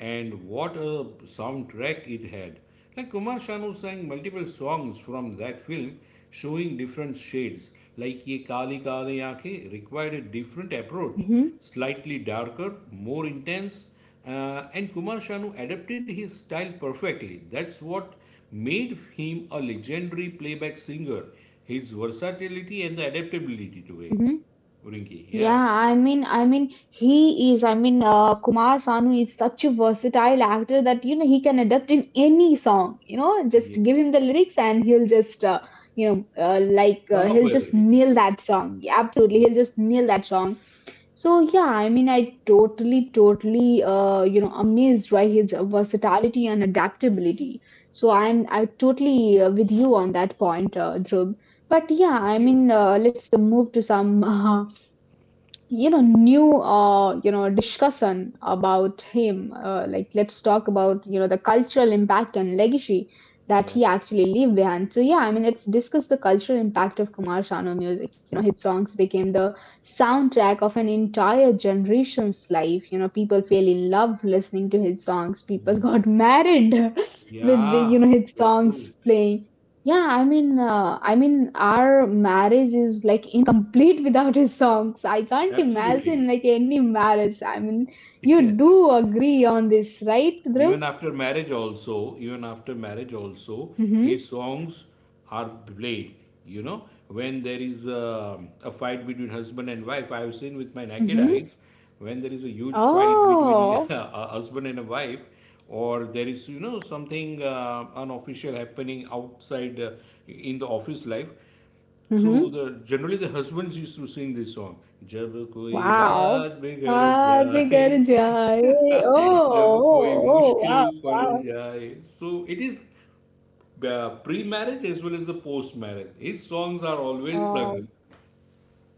and what a soundtrack it had! Like Kumar Sanu sang multiple songs from that film, showing different shades. Like Ye Kali Kali Aankhein required a different approach,
Mm-hmm.
slightly darker, more intense, and Kumar Sanu adapted his style perfectly. That's what made him a legendary playback singer, his versatility and the adaptability to it. Rinki, yeah.
Yeah, I mean, he is. I mean, Kumar Sanu is such a versatile actor that you know he can adapt in any song. You know, just
Yeah.
give him the lyrics and he'll just, you know,
Come up
he'll
with
just
it. Yeah.
nail that song. Yeah,
Yeah.
absolutely, he'll just nail that song. So yeah, I mean, I totally, totally, you know, amazed by his versatility and adaptability. So I'm totally with you on that point, Dhruv. But yeah,
Thank
I
you.
mean, let's move to some. You know new you know discussion about him like let's talk about you know the cultural impact and legacy that
Yeah.
he actually leave behind. So yeah, I mean, let's discuss the cultural impact of Kumar Sanu music. You know, his songs became the soundtrack of an entire generation's life. You know, people fell in love listening to his songs, people got married with the,
Yeah.
you know, his
That's true.
songs playing. Yeah, I mean, I mean our marriage is like complete without his songs. I can't
Absolutely.
imagine like any marriage. I mean, you do agree on this, right, Dhruv?
Even after marriage also, even after marriage also,
Mm-hmm.
his songs are played. You know, when there is a fight between husband and wife, I have seen with my naked
Mm-hmm.
eyes, when there is a huge fight between
Oh.
a husband and a wife, or there is you know something unofficial happening outside in the office life. So
Mm-hmm.
the generally the husbands used to sing this song. जब कोई
Wow.
बात बिगड़
Baat bhi
जाए,
kar jaye. Oh,
जब कोई
oh, oh,
मुश्किल
wow,
पड़
wow.
जाए. So it is pre-marriage as well as the post-marriage. His songs are always
Oh.
sung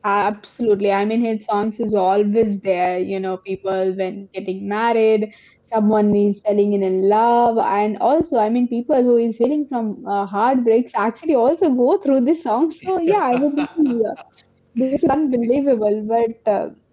Absolutely. I mean, his songs is always there. You know, people when getting married, someone is falling in love, and also, I mean, people who is healing from heartbreaks actually also go through this song. So yeah, I mean, this is unbelievable. But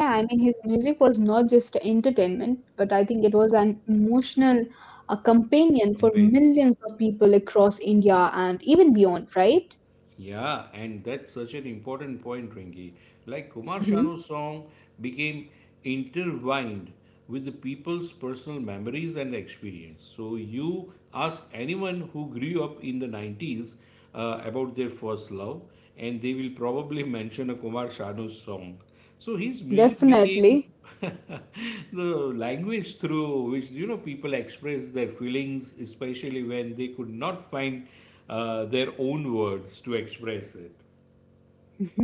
Yeah, I mean, his music was not just entertainment, but I think it was an emotional companion for
companion.
millions of people across India and even beyond, right?
Yeah, and that's such an important point, Ringy. Like Kumar Shanu's
Hmm.
song became intertwined with the people's personal memories and experience. So you ask anyone who grew up in the 90s about their first love, and they will probably mention a Kumar Shanu song. So his music became
Definitely.
the language through which you know people express their feelings, especially when they could not find their own words to express it.
Mhm.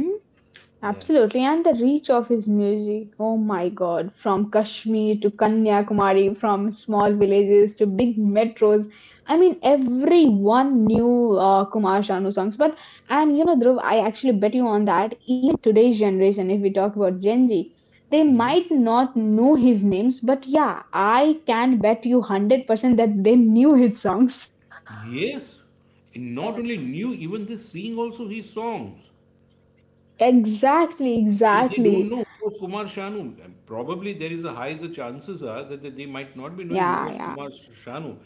Yeah.
Absolutely, and the reach of his music, oh my god, from Kashmir to Kanyakumari, from small villages to big metros. I mean, everyone knew Kumar Sanu songs. But, and you know, Dhruv, I actually bet you on that, even today's generation, if we talk about Gen Z, they
Hmm.
might not know his names, but yeah, I can bet you 100% that they knew his songs.
Yes, and not only knew even the sing also his songs.
Exactly,
They don't
exactly.
know who was Kumar Sanu. And probably there is a high the chances are that they might not be knowing who
Yeah,
was
yeah.
Kumar Sanu.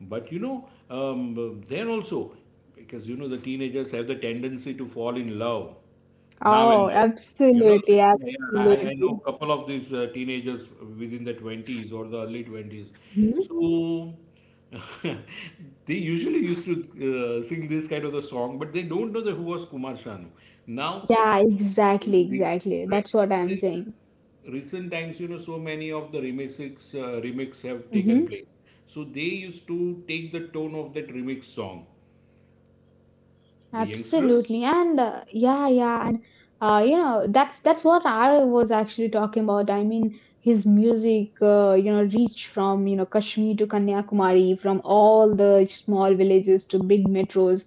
But you know, then also, because you know the teenagers have the tendency to fall in love now and
Oh,
then. You know,
absolutely,
I know
absolutely.
a couple of these teenagers within the 20s or the early 20s.
Hmm.
So they usually used to sing this kind of a song, but they don't know the who was Kumar Sanu. Now
Yeah, exactly,
Re- right.
exactly. That's
But
what
in
I'm saying.
the recent times, you know, so many of the remix have taken
Hmm.
place. So they used to take the tone of that remix song. The youngsters?
Absolutely. And Yeah, yeah. You know, that's what I was actually talking about. I mean, his music, you know, reached from, you know, Kashmir to Kanyakumari, from all the small villages to big metros.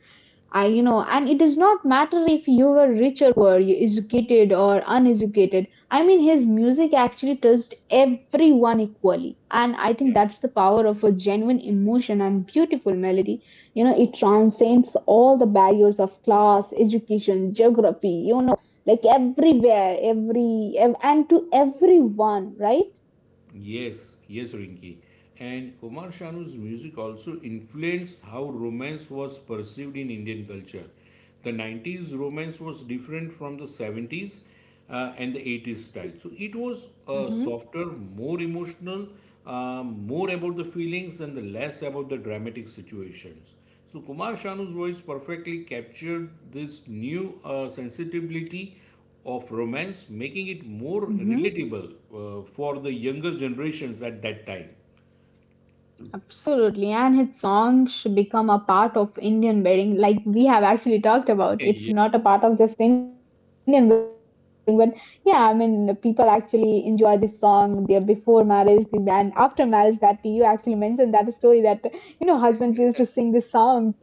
I, you know, and it does not matter if you were rich or poor, you educated or uneducated. I mean, his music actually touched everyone equally. And I think that's the power of a genuine emotion and beautiful melody. You know, it transcends all the barriers of class, education, geography, you know, like everywhere, every, and to everyone, right?
Yes, yes, Rinki. And Kumar Shanu's music also influenced how romance was perceived in Indian culture. The 90s romance was different from the 70s and the 80s style. So it was
Mm-hmm.
softer, more emotional, more about the feelings and the less about the dramatic situations. So Kumar Shanu's voice perfectly captured this new sensitivity of romance, making it more
Mm-hmm.
relatable for the younger generations at that time.
Absolutely, and his song should become a part of Indian wedding, like we have actually talked about. It's
Yeah,
not a part of just Indian wedding, but yeah, I mean, people actually enjoy this song. Their before marriage, the and after marriage. That you actually mentioned that story that you know husbands used to sing this song to,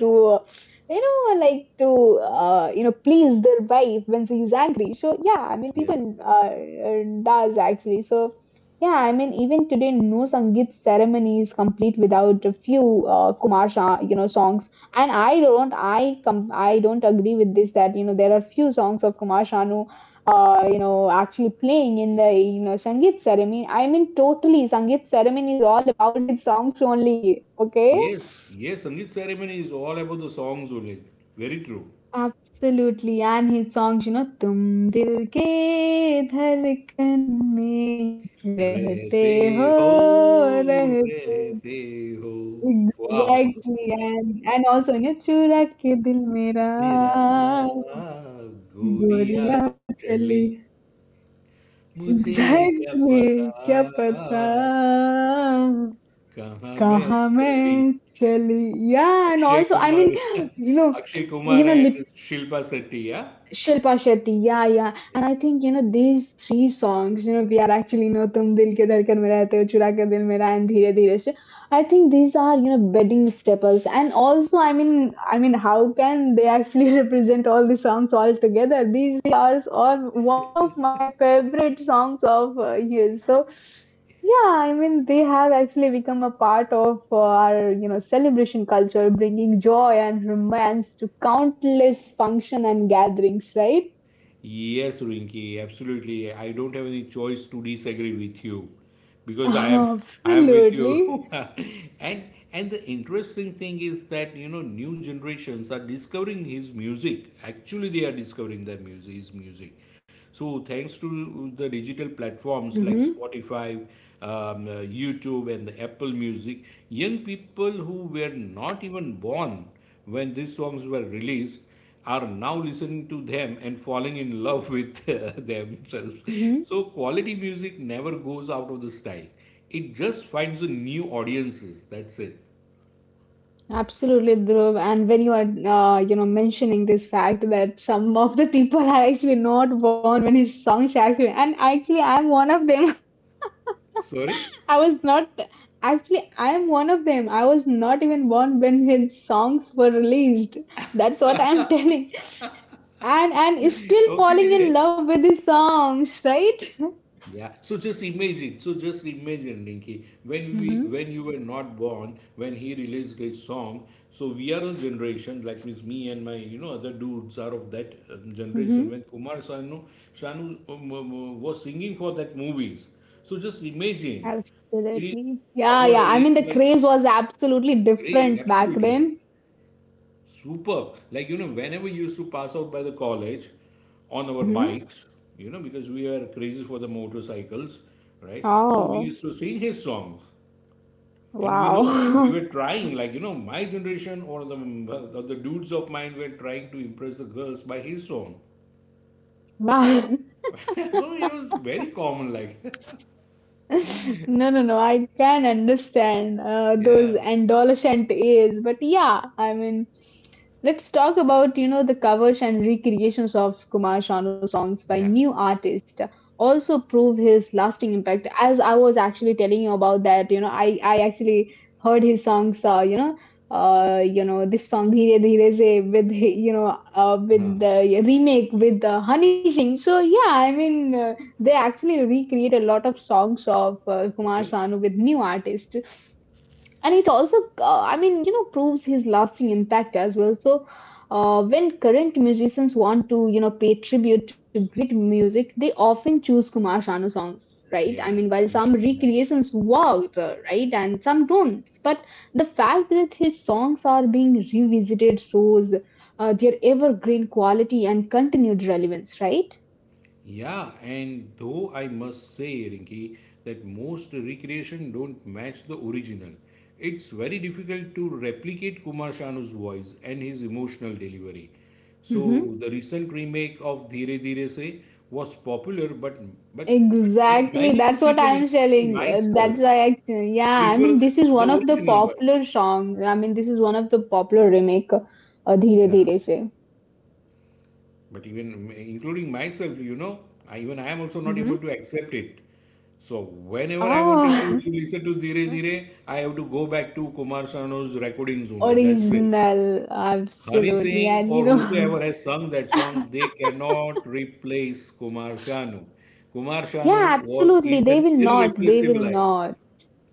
you know, like to you know please their wife when she's angry. So yeah, I mean,
yeah.
people does actually so. Yeah, I mean, even today, no Sangeet ceremony is complete without a few Kumar Shah, you know, songs. And I don't, I don't agree with this that you know there are few songs of Kumar Sanu, uh, you know, actually playing in the you know Sangeet ceremony. I mean, totally, Sangeet ceremony is all about his songs only. Okay.
Yes, yes, Sangeet ceremony is all about the songs only. Very true.
Absolutely, and his songs, you know, तुम दिल के धड़कन में रहते
रहते
हो
हो
रहते.
रहते हो वाह
Exactly, and also you know, चुरा के दिल मेरा
मेरा गोरिया
गोरिया
चली
चली,
मुझे क्या पता
exactly क्या पता
कहाँ मैं
कहाँ
चली
मैं चली. Yeah and
Akshay
also I
Kumar,
mean you know
Akshay
you
Kumar
know
and Shilpa Shetty, yeah?
Shilpa Shetty, yeah, yeah. And I think, you know, these three songs, you know, Pyar Actually No, Tum Dil Ke Dhadkan Mein Rehte Ho, Chura Ke Dil Mera, and Dheere Dheere Se, I think these are, you know, bedding staples. And also, I mean, how can they actually represent all the songs all together? These three are all one of my favorite songs of his. So, yeah, I mean, they have actually become a part of our, you know, celebration culture, bringing joy and romance to countless function and gatherings, right?
Yes, Rinki, absolutely. I don't have any choice to disagree with you because I am I am with
Absolutely.
you. And and the interesting thing is that you know new generations are discovering his music. Actually, they are discovering their music, his music. So thanks to the digital platforms like
Mm-hmm.
Spotify, YouTube, and the Apple Music, young people who were not even born when these songs were released are now listening to them and falling in love with themselves.
Mm-hmm.
So quality music never goes out of the style. It just finds a new audiences. That's it.
Absolutely, Dhruv. And when you are, you know, mentioning this fact that some of the people are actually not born when it songs actually, and actually, I'm one of them.
Sorry?
I was not actually I am one of them. I was not even born when his songs were released. That's what I'm telling. And is still falling in
Okay.
love with his songs, right?
Yeah. So just imagine. So just imagine, Rinki, when we
Mm-hmm.
when you were not born, when he released his song. So we are a generation like means me and my you know other dudes are of that generation
Mm-hmm.
when Kumar Sanu Shanu was singing for that movies. So just imagine, it is
Absolutely. Yeah,
our
yeah. I
age
mean the
like
craze was absolutely
craze
different back
absolutely.
then.
Superb. Like, you know, whenever you used to pass out by the college on our
Mm-hmm.
bikes, you know, because we are crazy for the motorcycles, right? So we
Oh,
used to sing his songs. And we know we were
wow.
trying, like, you know, my generation or the dudes of mine were trying to impress the girls by his song.
Wow.
So it was very common, like,
No, no, no. I can understand
yeah,
those adolescent years, but yeah, I mean, let's talk about you know the covers and recreations of Kumar Sanu songs by
yeah,
new artists. Also prove his lasting impact. As I was actually telling you about that, you know, I actually heard his songs. You know, you know this song Dheere Dheere Se with you know with the remake with Honey Singh. So yeah, I mean. They actually recreate a lot of songs of Kumar
okay,
Sanu with new artists. And it also, I mean, you know, proves his lasting impact as well. So, when current musicians want to, you know, pay tribute to great music, they often choose Kumar Sanu songs, right?
yeah,
I mean, while
yeah,
some
yeah.
recreations worked, right, and some don't. But the fact that his songs are being revisited shows their evergreen quality and continued relevance, right?
Yeah, and though I must say, Rinki, that most recreation don't match the original. It's very difficult to replicate Kumar Shanu's voice and his emotional delivery.
Mm-hmm.
So the recent remake of Dheere Dheere Se was popular, but but
Exactly,
many
that's
people,
what I'm
including
telling.
myself,
That's why I, yeah, I
prefer
mean, this is
the
one of the
original version.
popular songs. I mean, this is one of the popular remake, Dheere
Yeah.
Dheere Se.
But even including myself, you know, even I am also not
Mm-hmm.
able to accept it. So whenever I wanted to
Oh,
listen to Dhire Dhire, I have to go back to Kumar Sanu's recordings only. That's it.
original,
Honey
absolutely.
Singh or
And you
whosoever
know,
has sung that song, they cannot replace Kumar Sanu. Kumar Sanu
yeah,
was
absolutely.
is
They
an
will not, they will
irreplaceable idol.
not.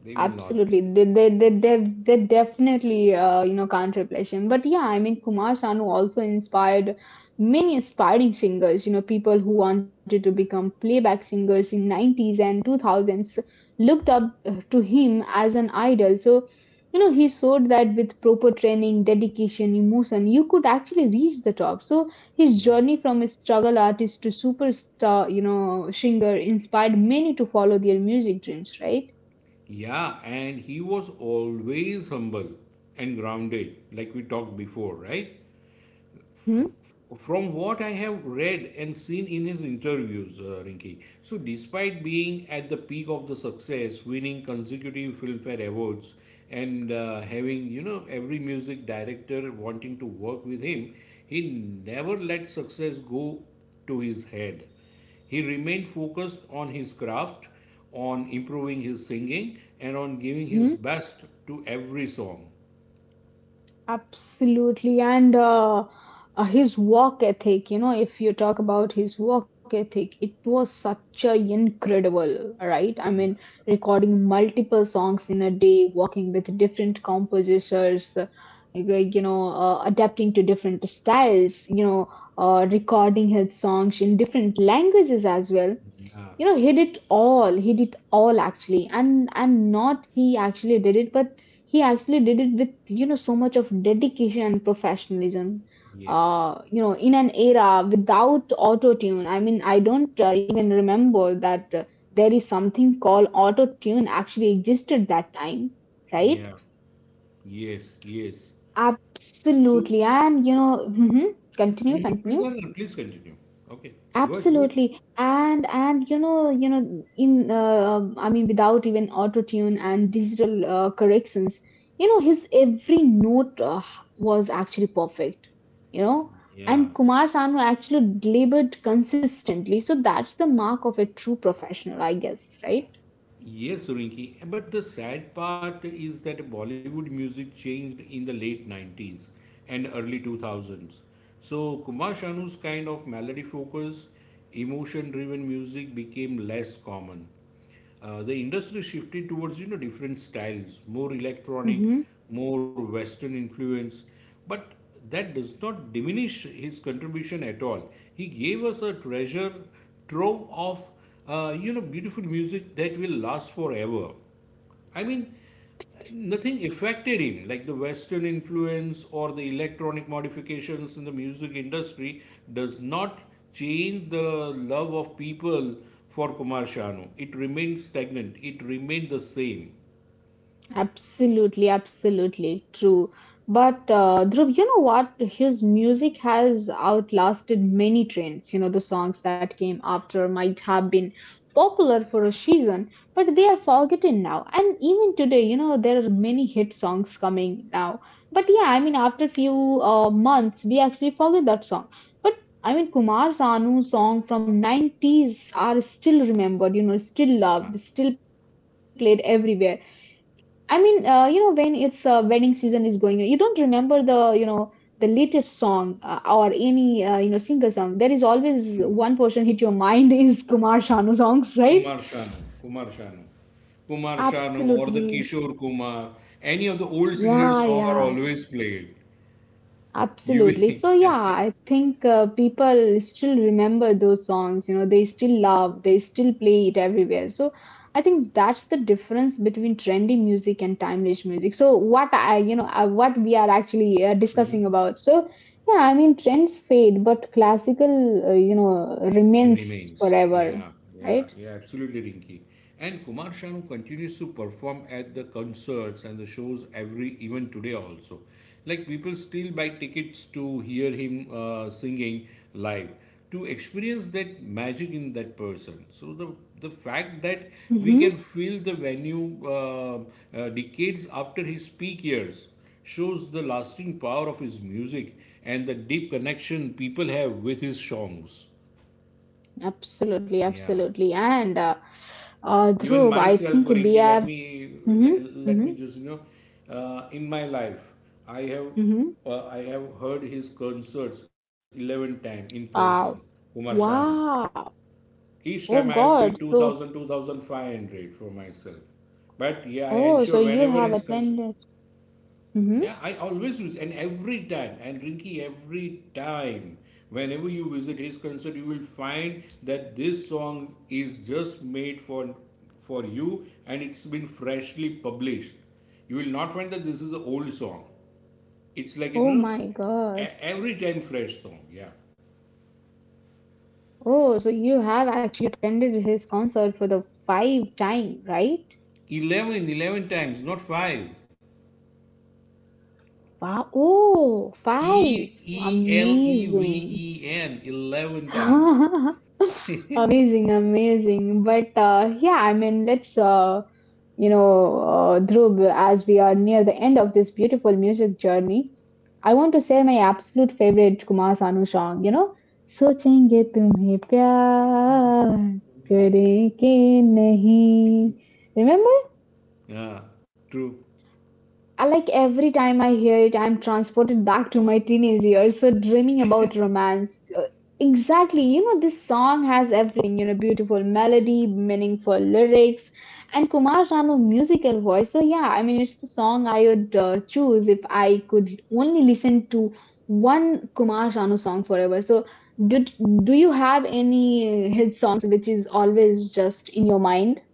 They will not.
Absolutely, they definitely you know can't replace him. But yeah, I mean Kumar Sanu also inspired many aspiring singers. You know, people who wanted to become playback singers in nineties and two thousands looked up to him as an idol. So you know he showed that with proper training, dedication, emotion, you could actually reach the top. So his
Yeah,
journey from a struggle artist to superstar, you know, singer inspired many to follow their music dreams, right.
yeah, and he was always humble and grounded, like we talked before, right?
Mm-hmm.
From what I have read and seen in his interviews, Rinki, so despite being at the peak of the success, winning consecutive Filmfare awards, and having you know every music director wanting to work with him, he never let success go to his head. He remained focused on his craft, on improving his singing, and on giving his
Mm-hmm.
best to every song.
Absolutely. And His work ethic, you know, if you talk about his work ethic, it was such a incredible, right? I
Yeah.
mean, recording multiple songs in a day, working with different composers, like, you know, adapting to different styles, you know, recording his songs in different languages as well.
Yeah.
You know he did all actually, and not he actually did it, but he actually did it with you know so much of dedication and professionalism,
Yes.
you know in an era without auto tune. I mean, I don't even remember that there is something called auto tune actually existed that time, right?
Yeah. Yes, yes. So,
Absolutely, and you know mhm. continue
mhm, please,
continue
no, no, please continue. Okay, good, good.
Absolutely. And you know, in I mean, without even auto tune and digital corrections, you know, his every note was actually perfect, you know.
Yeah.
And Kumar Sanu actually delivered consistently. So that's the mark of a true professional, I guess, right?
Yes, Rinki. But the sad part is that Bollywood music changed in the late 90s and early 2000s. So Kumar Shanu's kind of melody focused, emotion driven music became less common. The industry shifted towards you know different styles, more electronic,
Mm-hmm.
more Western influence, but that does not diminish his contribution at all. He gave us a treasure trove of beautiful music that will last forever. I mean, nothing affected him, like the Western influence or the electronic modifications in the music industry does not change the love of people for Kumar Shanu. It remained stagnant. It remained the same.
Absolutely, absolutely true. But Dhruv, you know what? His music has outlasted many trends. You know, the songs that came after might have been popular for a season, but they are forgotten now. And even today, you know, there are many hit songs coming now. But yeah, I mean, after few months, we actually forget that song. But I mean, Kumar Sanu's song from 90s are still remembered, you know,
Yeah,
still loved, still played everywhere. I mean, when it's wedding season is going, you don't remember the latest song or any singer song. There is always
true.
one person hit your mind is Kumar Sanu songs, right?
Kumar Shanu, Kumar Shanu, Kumar Shanu, or the
Absolutely.
Kishore Kumar, any of the old singers'
Yeah,
song are
yeah.
always played. You
Absolutely. So yeah,
will,
I think people still remember those songs, you know, they still love, they still play it everywhere. So I think that's the difference between trendy music and timeless music. So what I, you know, what we are actually discussing about. So yeah, I mean trends fade, but classical remains
remains. Yeah,
forever,
yeah,
right?
yeah, absolutely, Rinky. And Kumar Shanu continues to perform at the concerts and the shows every, even today also. Like people still buy tickets to hear him singing live, to experience that magic in that person. So the fact that we can
Mm-hmm.
fill the venue decades after his peak years shows the lasting power of his music and the deep connection people have with his songs.
Absolutely,
Yeah,
absolutely. And
even
Dhruv, I
myself,
think we
Rinki,
are.
let me let,
Mm-hmm,
let
mm-hmm,
me just you know, in my life, I have
mm-hmm.
I have heard his concerts 11 times in person,
Wow.
Kumar Sanu.
Wow.
Each time I
Oh
have paid
God.
two
So
thousand, 2500 for myself. But yeah, I
oh, so
ensure
you
whenever
have
his concert.
attended. hmm
Yeah, I always use, and every time, and Rinky, every time, whenever you visit his concert, you will find that this song is just made for you, and it's been freshly published. You will not find that this is an old song. It's like
Oh my God.
every time fresh song. Yeah,
Oh, so you have actually attended his concert for the five time, right?
11, 11 times, not five.
Wow. Oh,
E
five.
E L E V
Amazing.
E N, 11 times.
Amazing, amazing. But yeah, I mean, Dhruv, as we are near the end of this beautiful music journey, I want to share my absolute favorite Kumar Sanu song, you know, सोचेंगे तुम्हें प्यार करें के नहीं. Remember?
Yeah, true.
I like every time I hear it, I'm transported back to my teenage years. So dreaming about romance. Exactly. You know, this song has everything. You know, beautiful melody, meaningful lyrics, and Kumar Sanu musical voice. So yeah, I mean, it's the song I would choose if I could only listen to one Kumar Sanu song forever. So do, do you have any hit songs which is always just in your mind?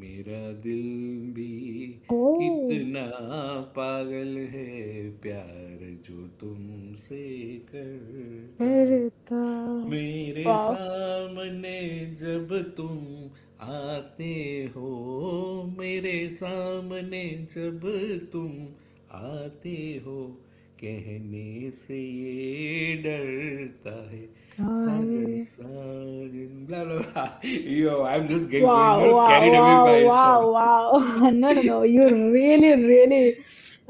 मेरा दिल भी
Oh,
कितना पागल है प्यार जो तुमसे करता है
Verita.
मेरे
Wow.
सामने जब तुम आते हो मेरे सामने जब तुम आते हो कहने से ये डरता है साजन
I-
Sajan blah blah blah. Yo, I'm just getting going,
Wow, wow,
carried away
wow,
by a song.
wow, wow. No, no, no. You really, really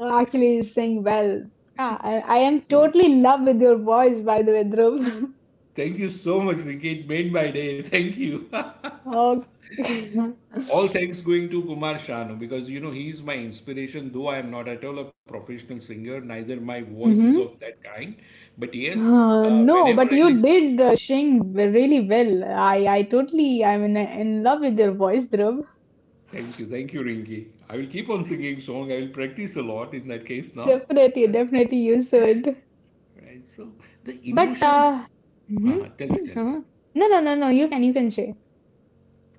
actually sing well. Ah, I am
So
totally in love with your voice, by the way, Dhruv.
thank you so much, Ricky. It made my day. Thank you.
Okay.
All thanks going to Kumar Shanu because he is my inspiration. Though I am not at all a professional singer, neither my voice is of
hmm
that kind. But yes,
No,
whenever
but
I
you
listen,
did sing really well. I totally, I'm in love with your voice, Dhruv.
thank you, Rinki. I will keep on singing song. I will practice a lot in that case now.
Definitely, definitely you should.
Right. So the
But,
emotions.
mhm,
Haha, tell me, tell me.
uh-huh. No, no, no, no. You can say.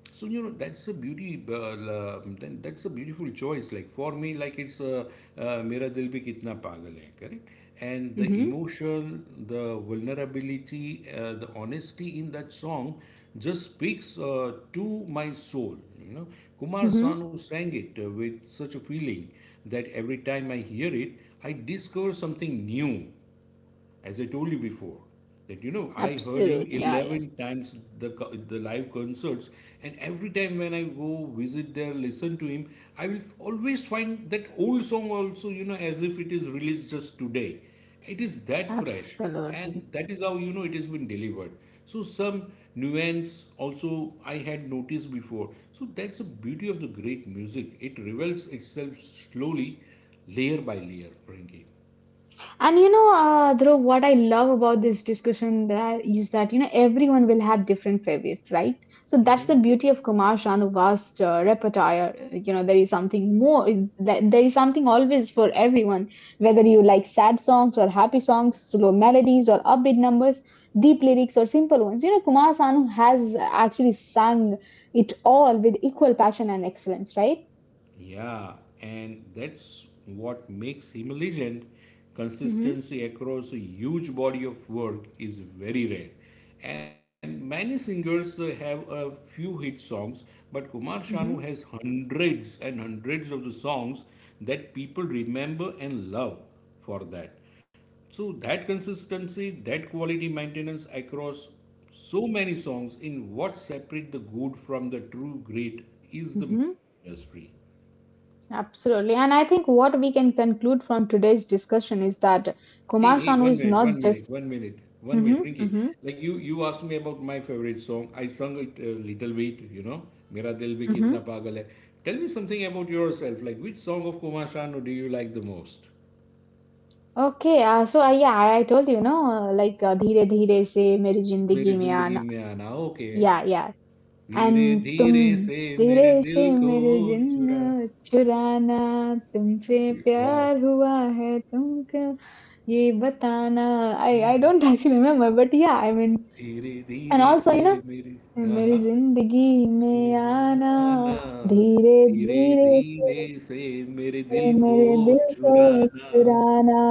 So that's a beauty. Then that's a beautiful choice. Like for me, like it's "Mera Dil Bhi Kitna Pagal Hai," correct? And the
Mm-hmm.
emotion, the vulnerability, the honesty in that song just speaks to my soul. You know, Kumar
Mm-hmm.
Sanu sang it with such a feeling that every time I hear it, I discover something new, as I told you before, that I heard
Absolutely.
him
Yeah, yeah.
11 times, the live concerts, and every time when I go visit there, listen to him, I will always find that old song also, as if it is released just today. It is that fresh,
Absolutely.
and that is how it has been delivered. So some nuance also I had noticed before. So that's the beauty of the great music. It reveals itself slowly, layer by layer, Frankie.
And you know, Dhruv, what I love about this discussion that is that, you know, everyone will have different favorites, right? So that's the beauty of Kumar Shanu's vast repertoire. You know, there is something more, there is something always for everyone, whether you like sad songs or happy songs, slow melodies or upbeat numbers, deep lyrics or simple ones. You know, Kumar Sanu has actually sung it all with equal passion and excellence, right?
Yeah, and that's what makes him a legend.
Mm-hmm.
Consistency across a huge body of work is very rare. And many singers have a few hit songs, but Kumar Sanu has hundreds and hundreds of the songs that people remember and love for that. So that consistency, that quality maintenance across so many songs in what separate the good from the true great is the
Mm-hmm.
industry.
Absolutely. And I think what we can conclude from today's discussion is that
Hey,
Kumar
hey,
Sanu
one
is
minute,
not
one
just.
minute, one minute, one
hmm
minute, Rinky.
hmm
Like you asked me about my favorite song. I sung it a little bit. Mera dil bhi kitna
hmm
pagal hai. Tell me something about yourself. Like which song of Kumar Sanu do you like the most?
Okay. So, yeah, I told you, no, Dheere Dheere Se Meri
मेरी
Zindagi Mein
जिंदगी
Aana.
में आना okay
Yeah, yeah.
धीरे
And
धीरे
Tum
से मेरे
Dheere Se
दिल को
Mere
चुरा
Jinn Churana, Tumse Pyar
वाह
Hua Hai, Tumko Ye Batana. I don't actually remember, but yeah, I mean,
धीरे
and
धीरे
also,
से मेरी हाँ हाँ
मेरी जिंदगी में आना
आना
धीरे
धीरे
धीरे
धीरे
फिर
से मेरे दिल
से
को
मेरे दिल को
चुराना
चुराना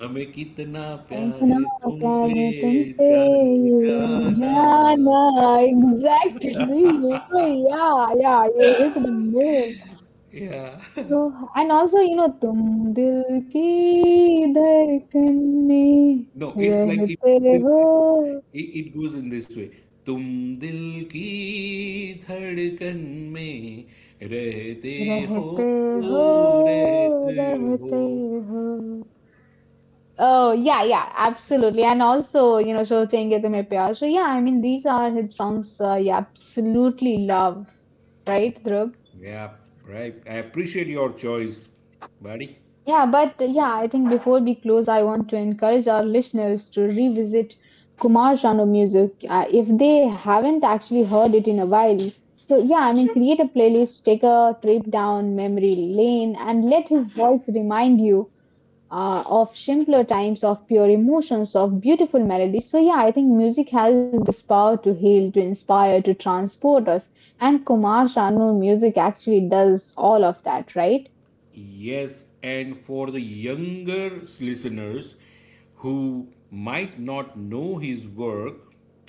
हमें कितना प्यार
इतना
है तुमसे
प्यार है तुमसे
जाने
ये
जाना.
जाना exactly so yeah yeah you hit the nail
Yeah.
so and also you know तुम दिल की धड़कन में
No, it's like it,
रहते हो
it it goes in this way. तुम दिल की धड़कन में रहते हो
रहते हो
रहते हो.
रहते हो. Oh, yeah, yeah, absolutely. And also, you know, So Chenge Tumhe Pyar. So, yeah, I mean, these are his songs yeah, absolutely love, right, Dhruv?
Yeah, right, I appreciate your choice, buddy.
Yeah, but yeah, I think before we close, I want to encourage our listeners to revisit Kumar Sanu music if they haven't actually heard it in a while. So, yeah, I mean, create a playlist, take a trip down memory lane, and let his voice remind you of simpler times, of pure emotions, of beautiful melodies. So, yeah, I think music has this power to heal, to inspire, to transport us. And Kumar Sanu music actually does all of that, right?
Yes, and for the younger listeners who might not know his work,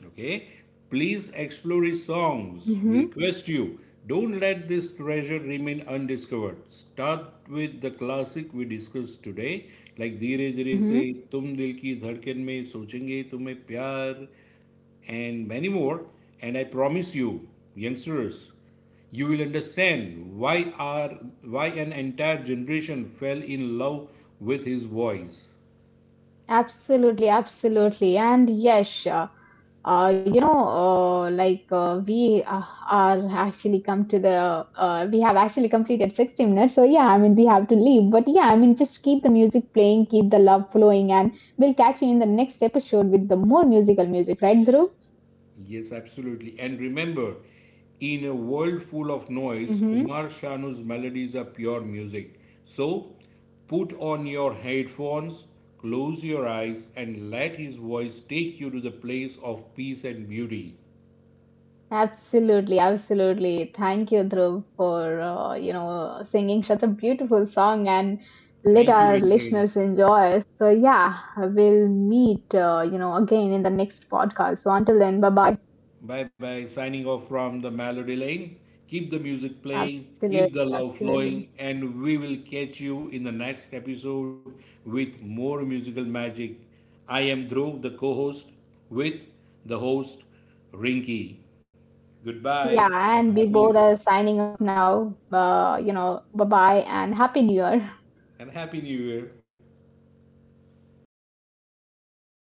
okay, please explore his songs. We
Mm-hmm.
request you don't let this treasure remain undiscovered. Start with the classic we discussed today, like धीरे धीरे से
Mm-hmm.
तुम दिल की धड़कन में सोचेंगे तुम्हें प्यार, and many more. And I promise you, youngsters, you will understand why our why an entire generation fell in love with his voice.
Absolutely, absolutely. And yes, sure. You know, like we are actually come to the, we have actually completed 60 minutes. So yeah, I mean, we have to leave. But yeah, I mean, just keep the music playing, keep the love flowing, and we'll catch you in the next episode with the more musical music, right, Dhruv?
Yes, absolutely. And remember, in a world full of
Mm-hmm.
noise, Kumar Shanu's melodies are pure music. So, put on your headphones, close your eyes, and let his voice take you to the place of peace and beauty.
Absolutely, absolutely. Thank you, Dhruv, for you know singing such a beautiful song and let
Thank you,
our
Rinke.
listeners enjoy. So yeah, we'll meet you know again in the next podcast. So until then, bye bye.
Bye bye. Signing off from the Melody Lane. Keep the music playing,
Absolutely,
keep the love
absolutely.
flowing, and we will catch you in the next episode with more musical magic. I am Dhruv, the co host, with the host, Rinky. Goodbye
Yeah,
and
and we
happy listening
both are signing off now. You know, bye bye and happy new year.
and happy new year.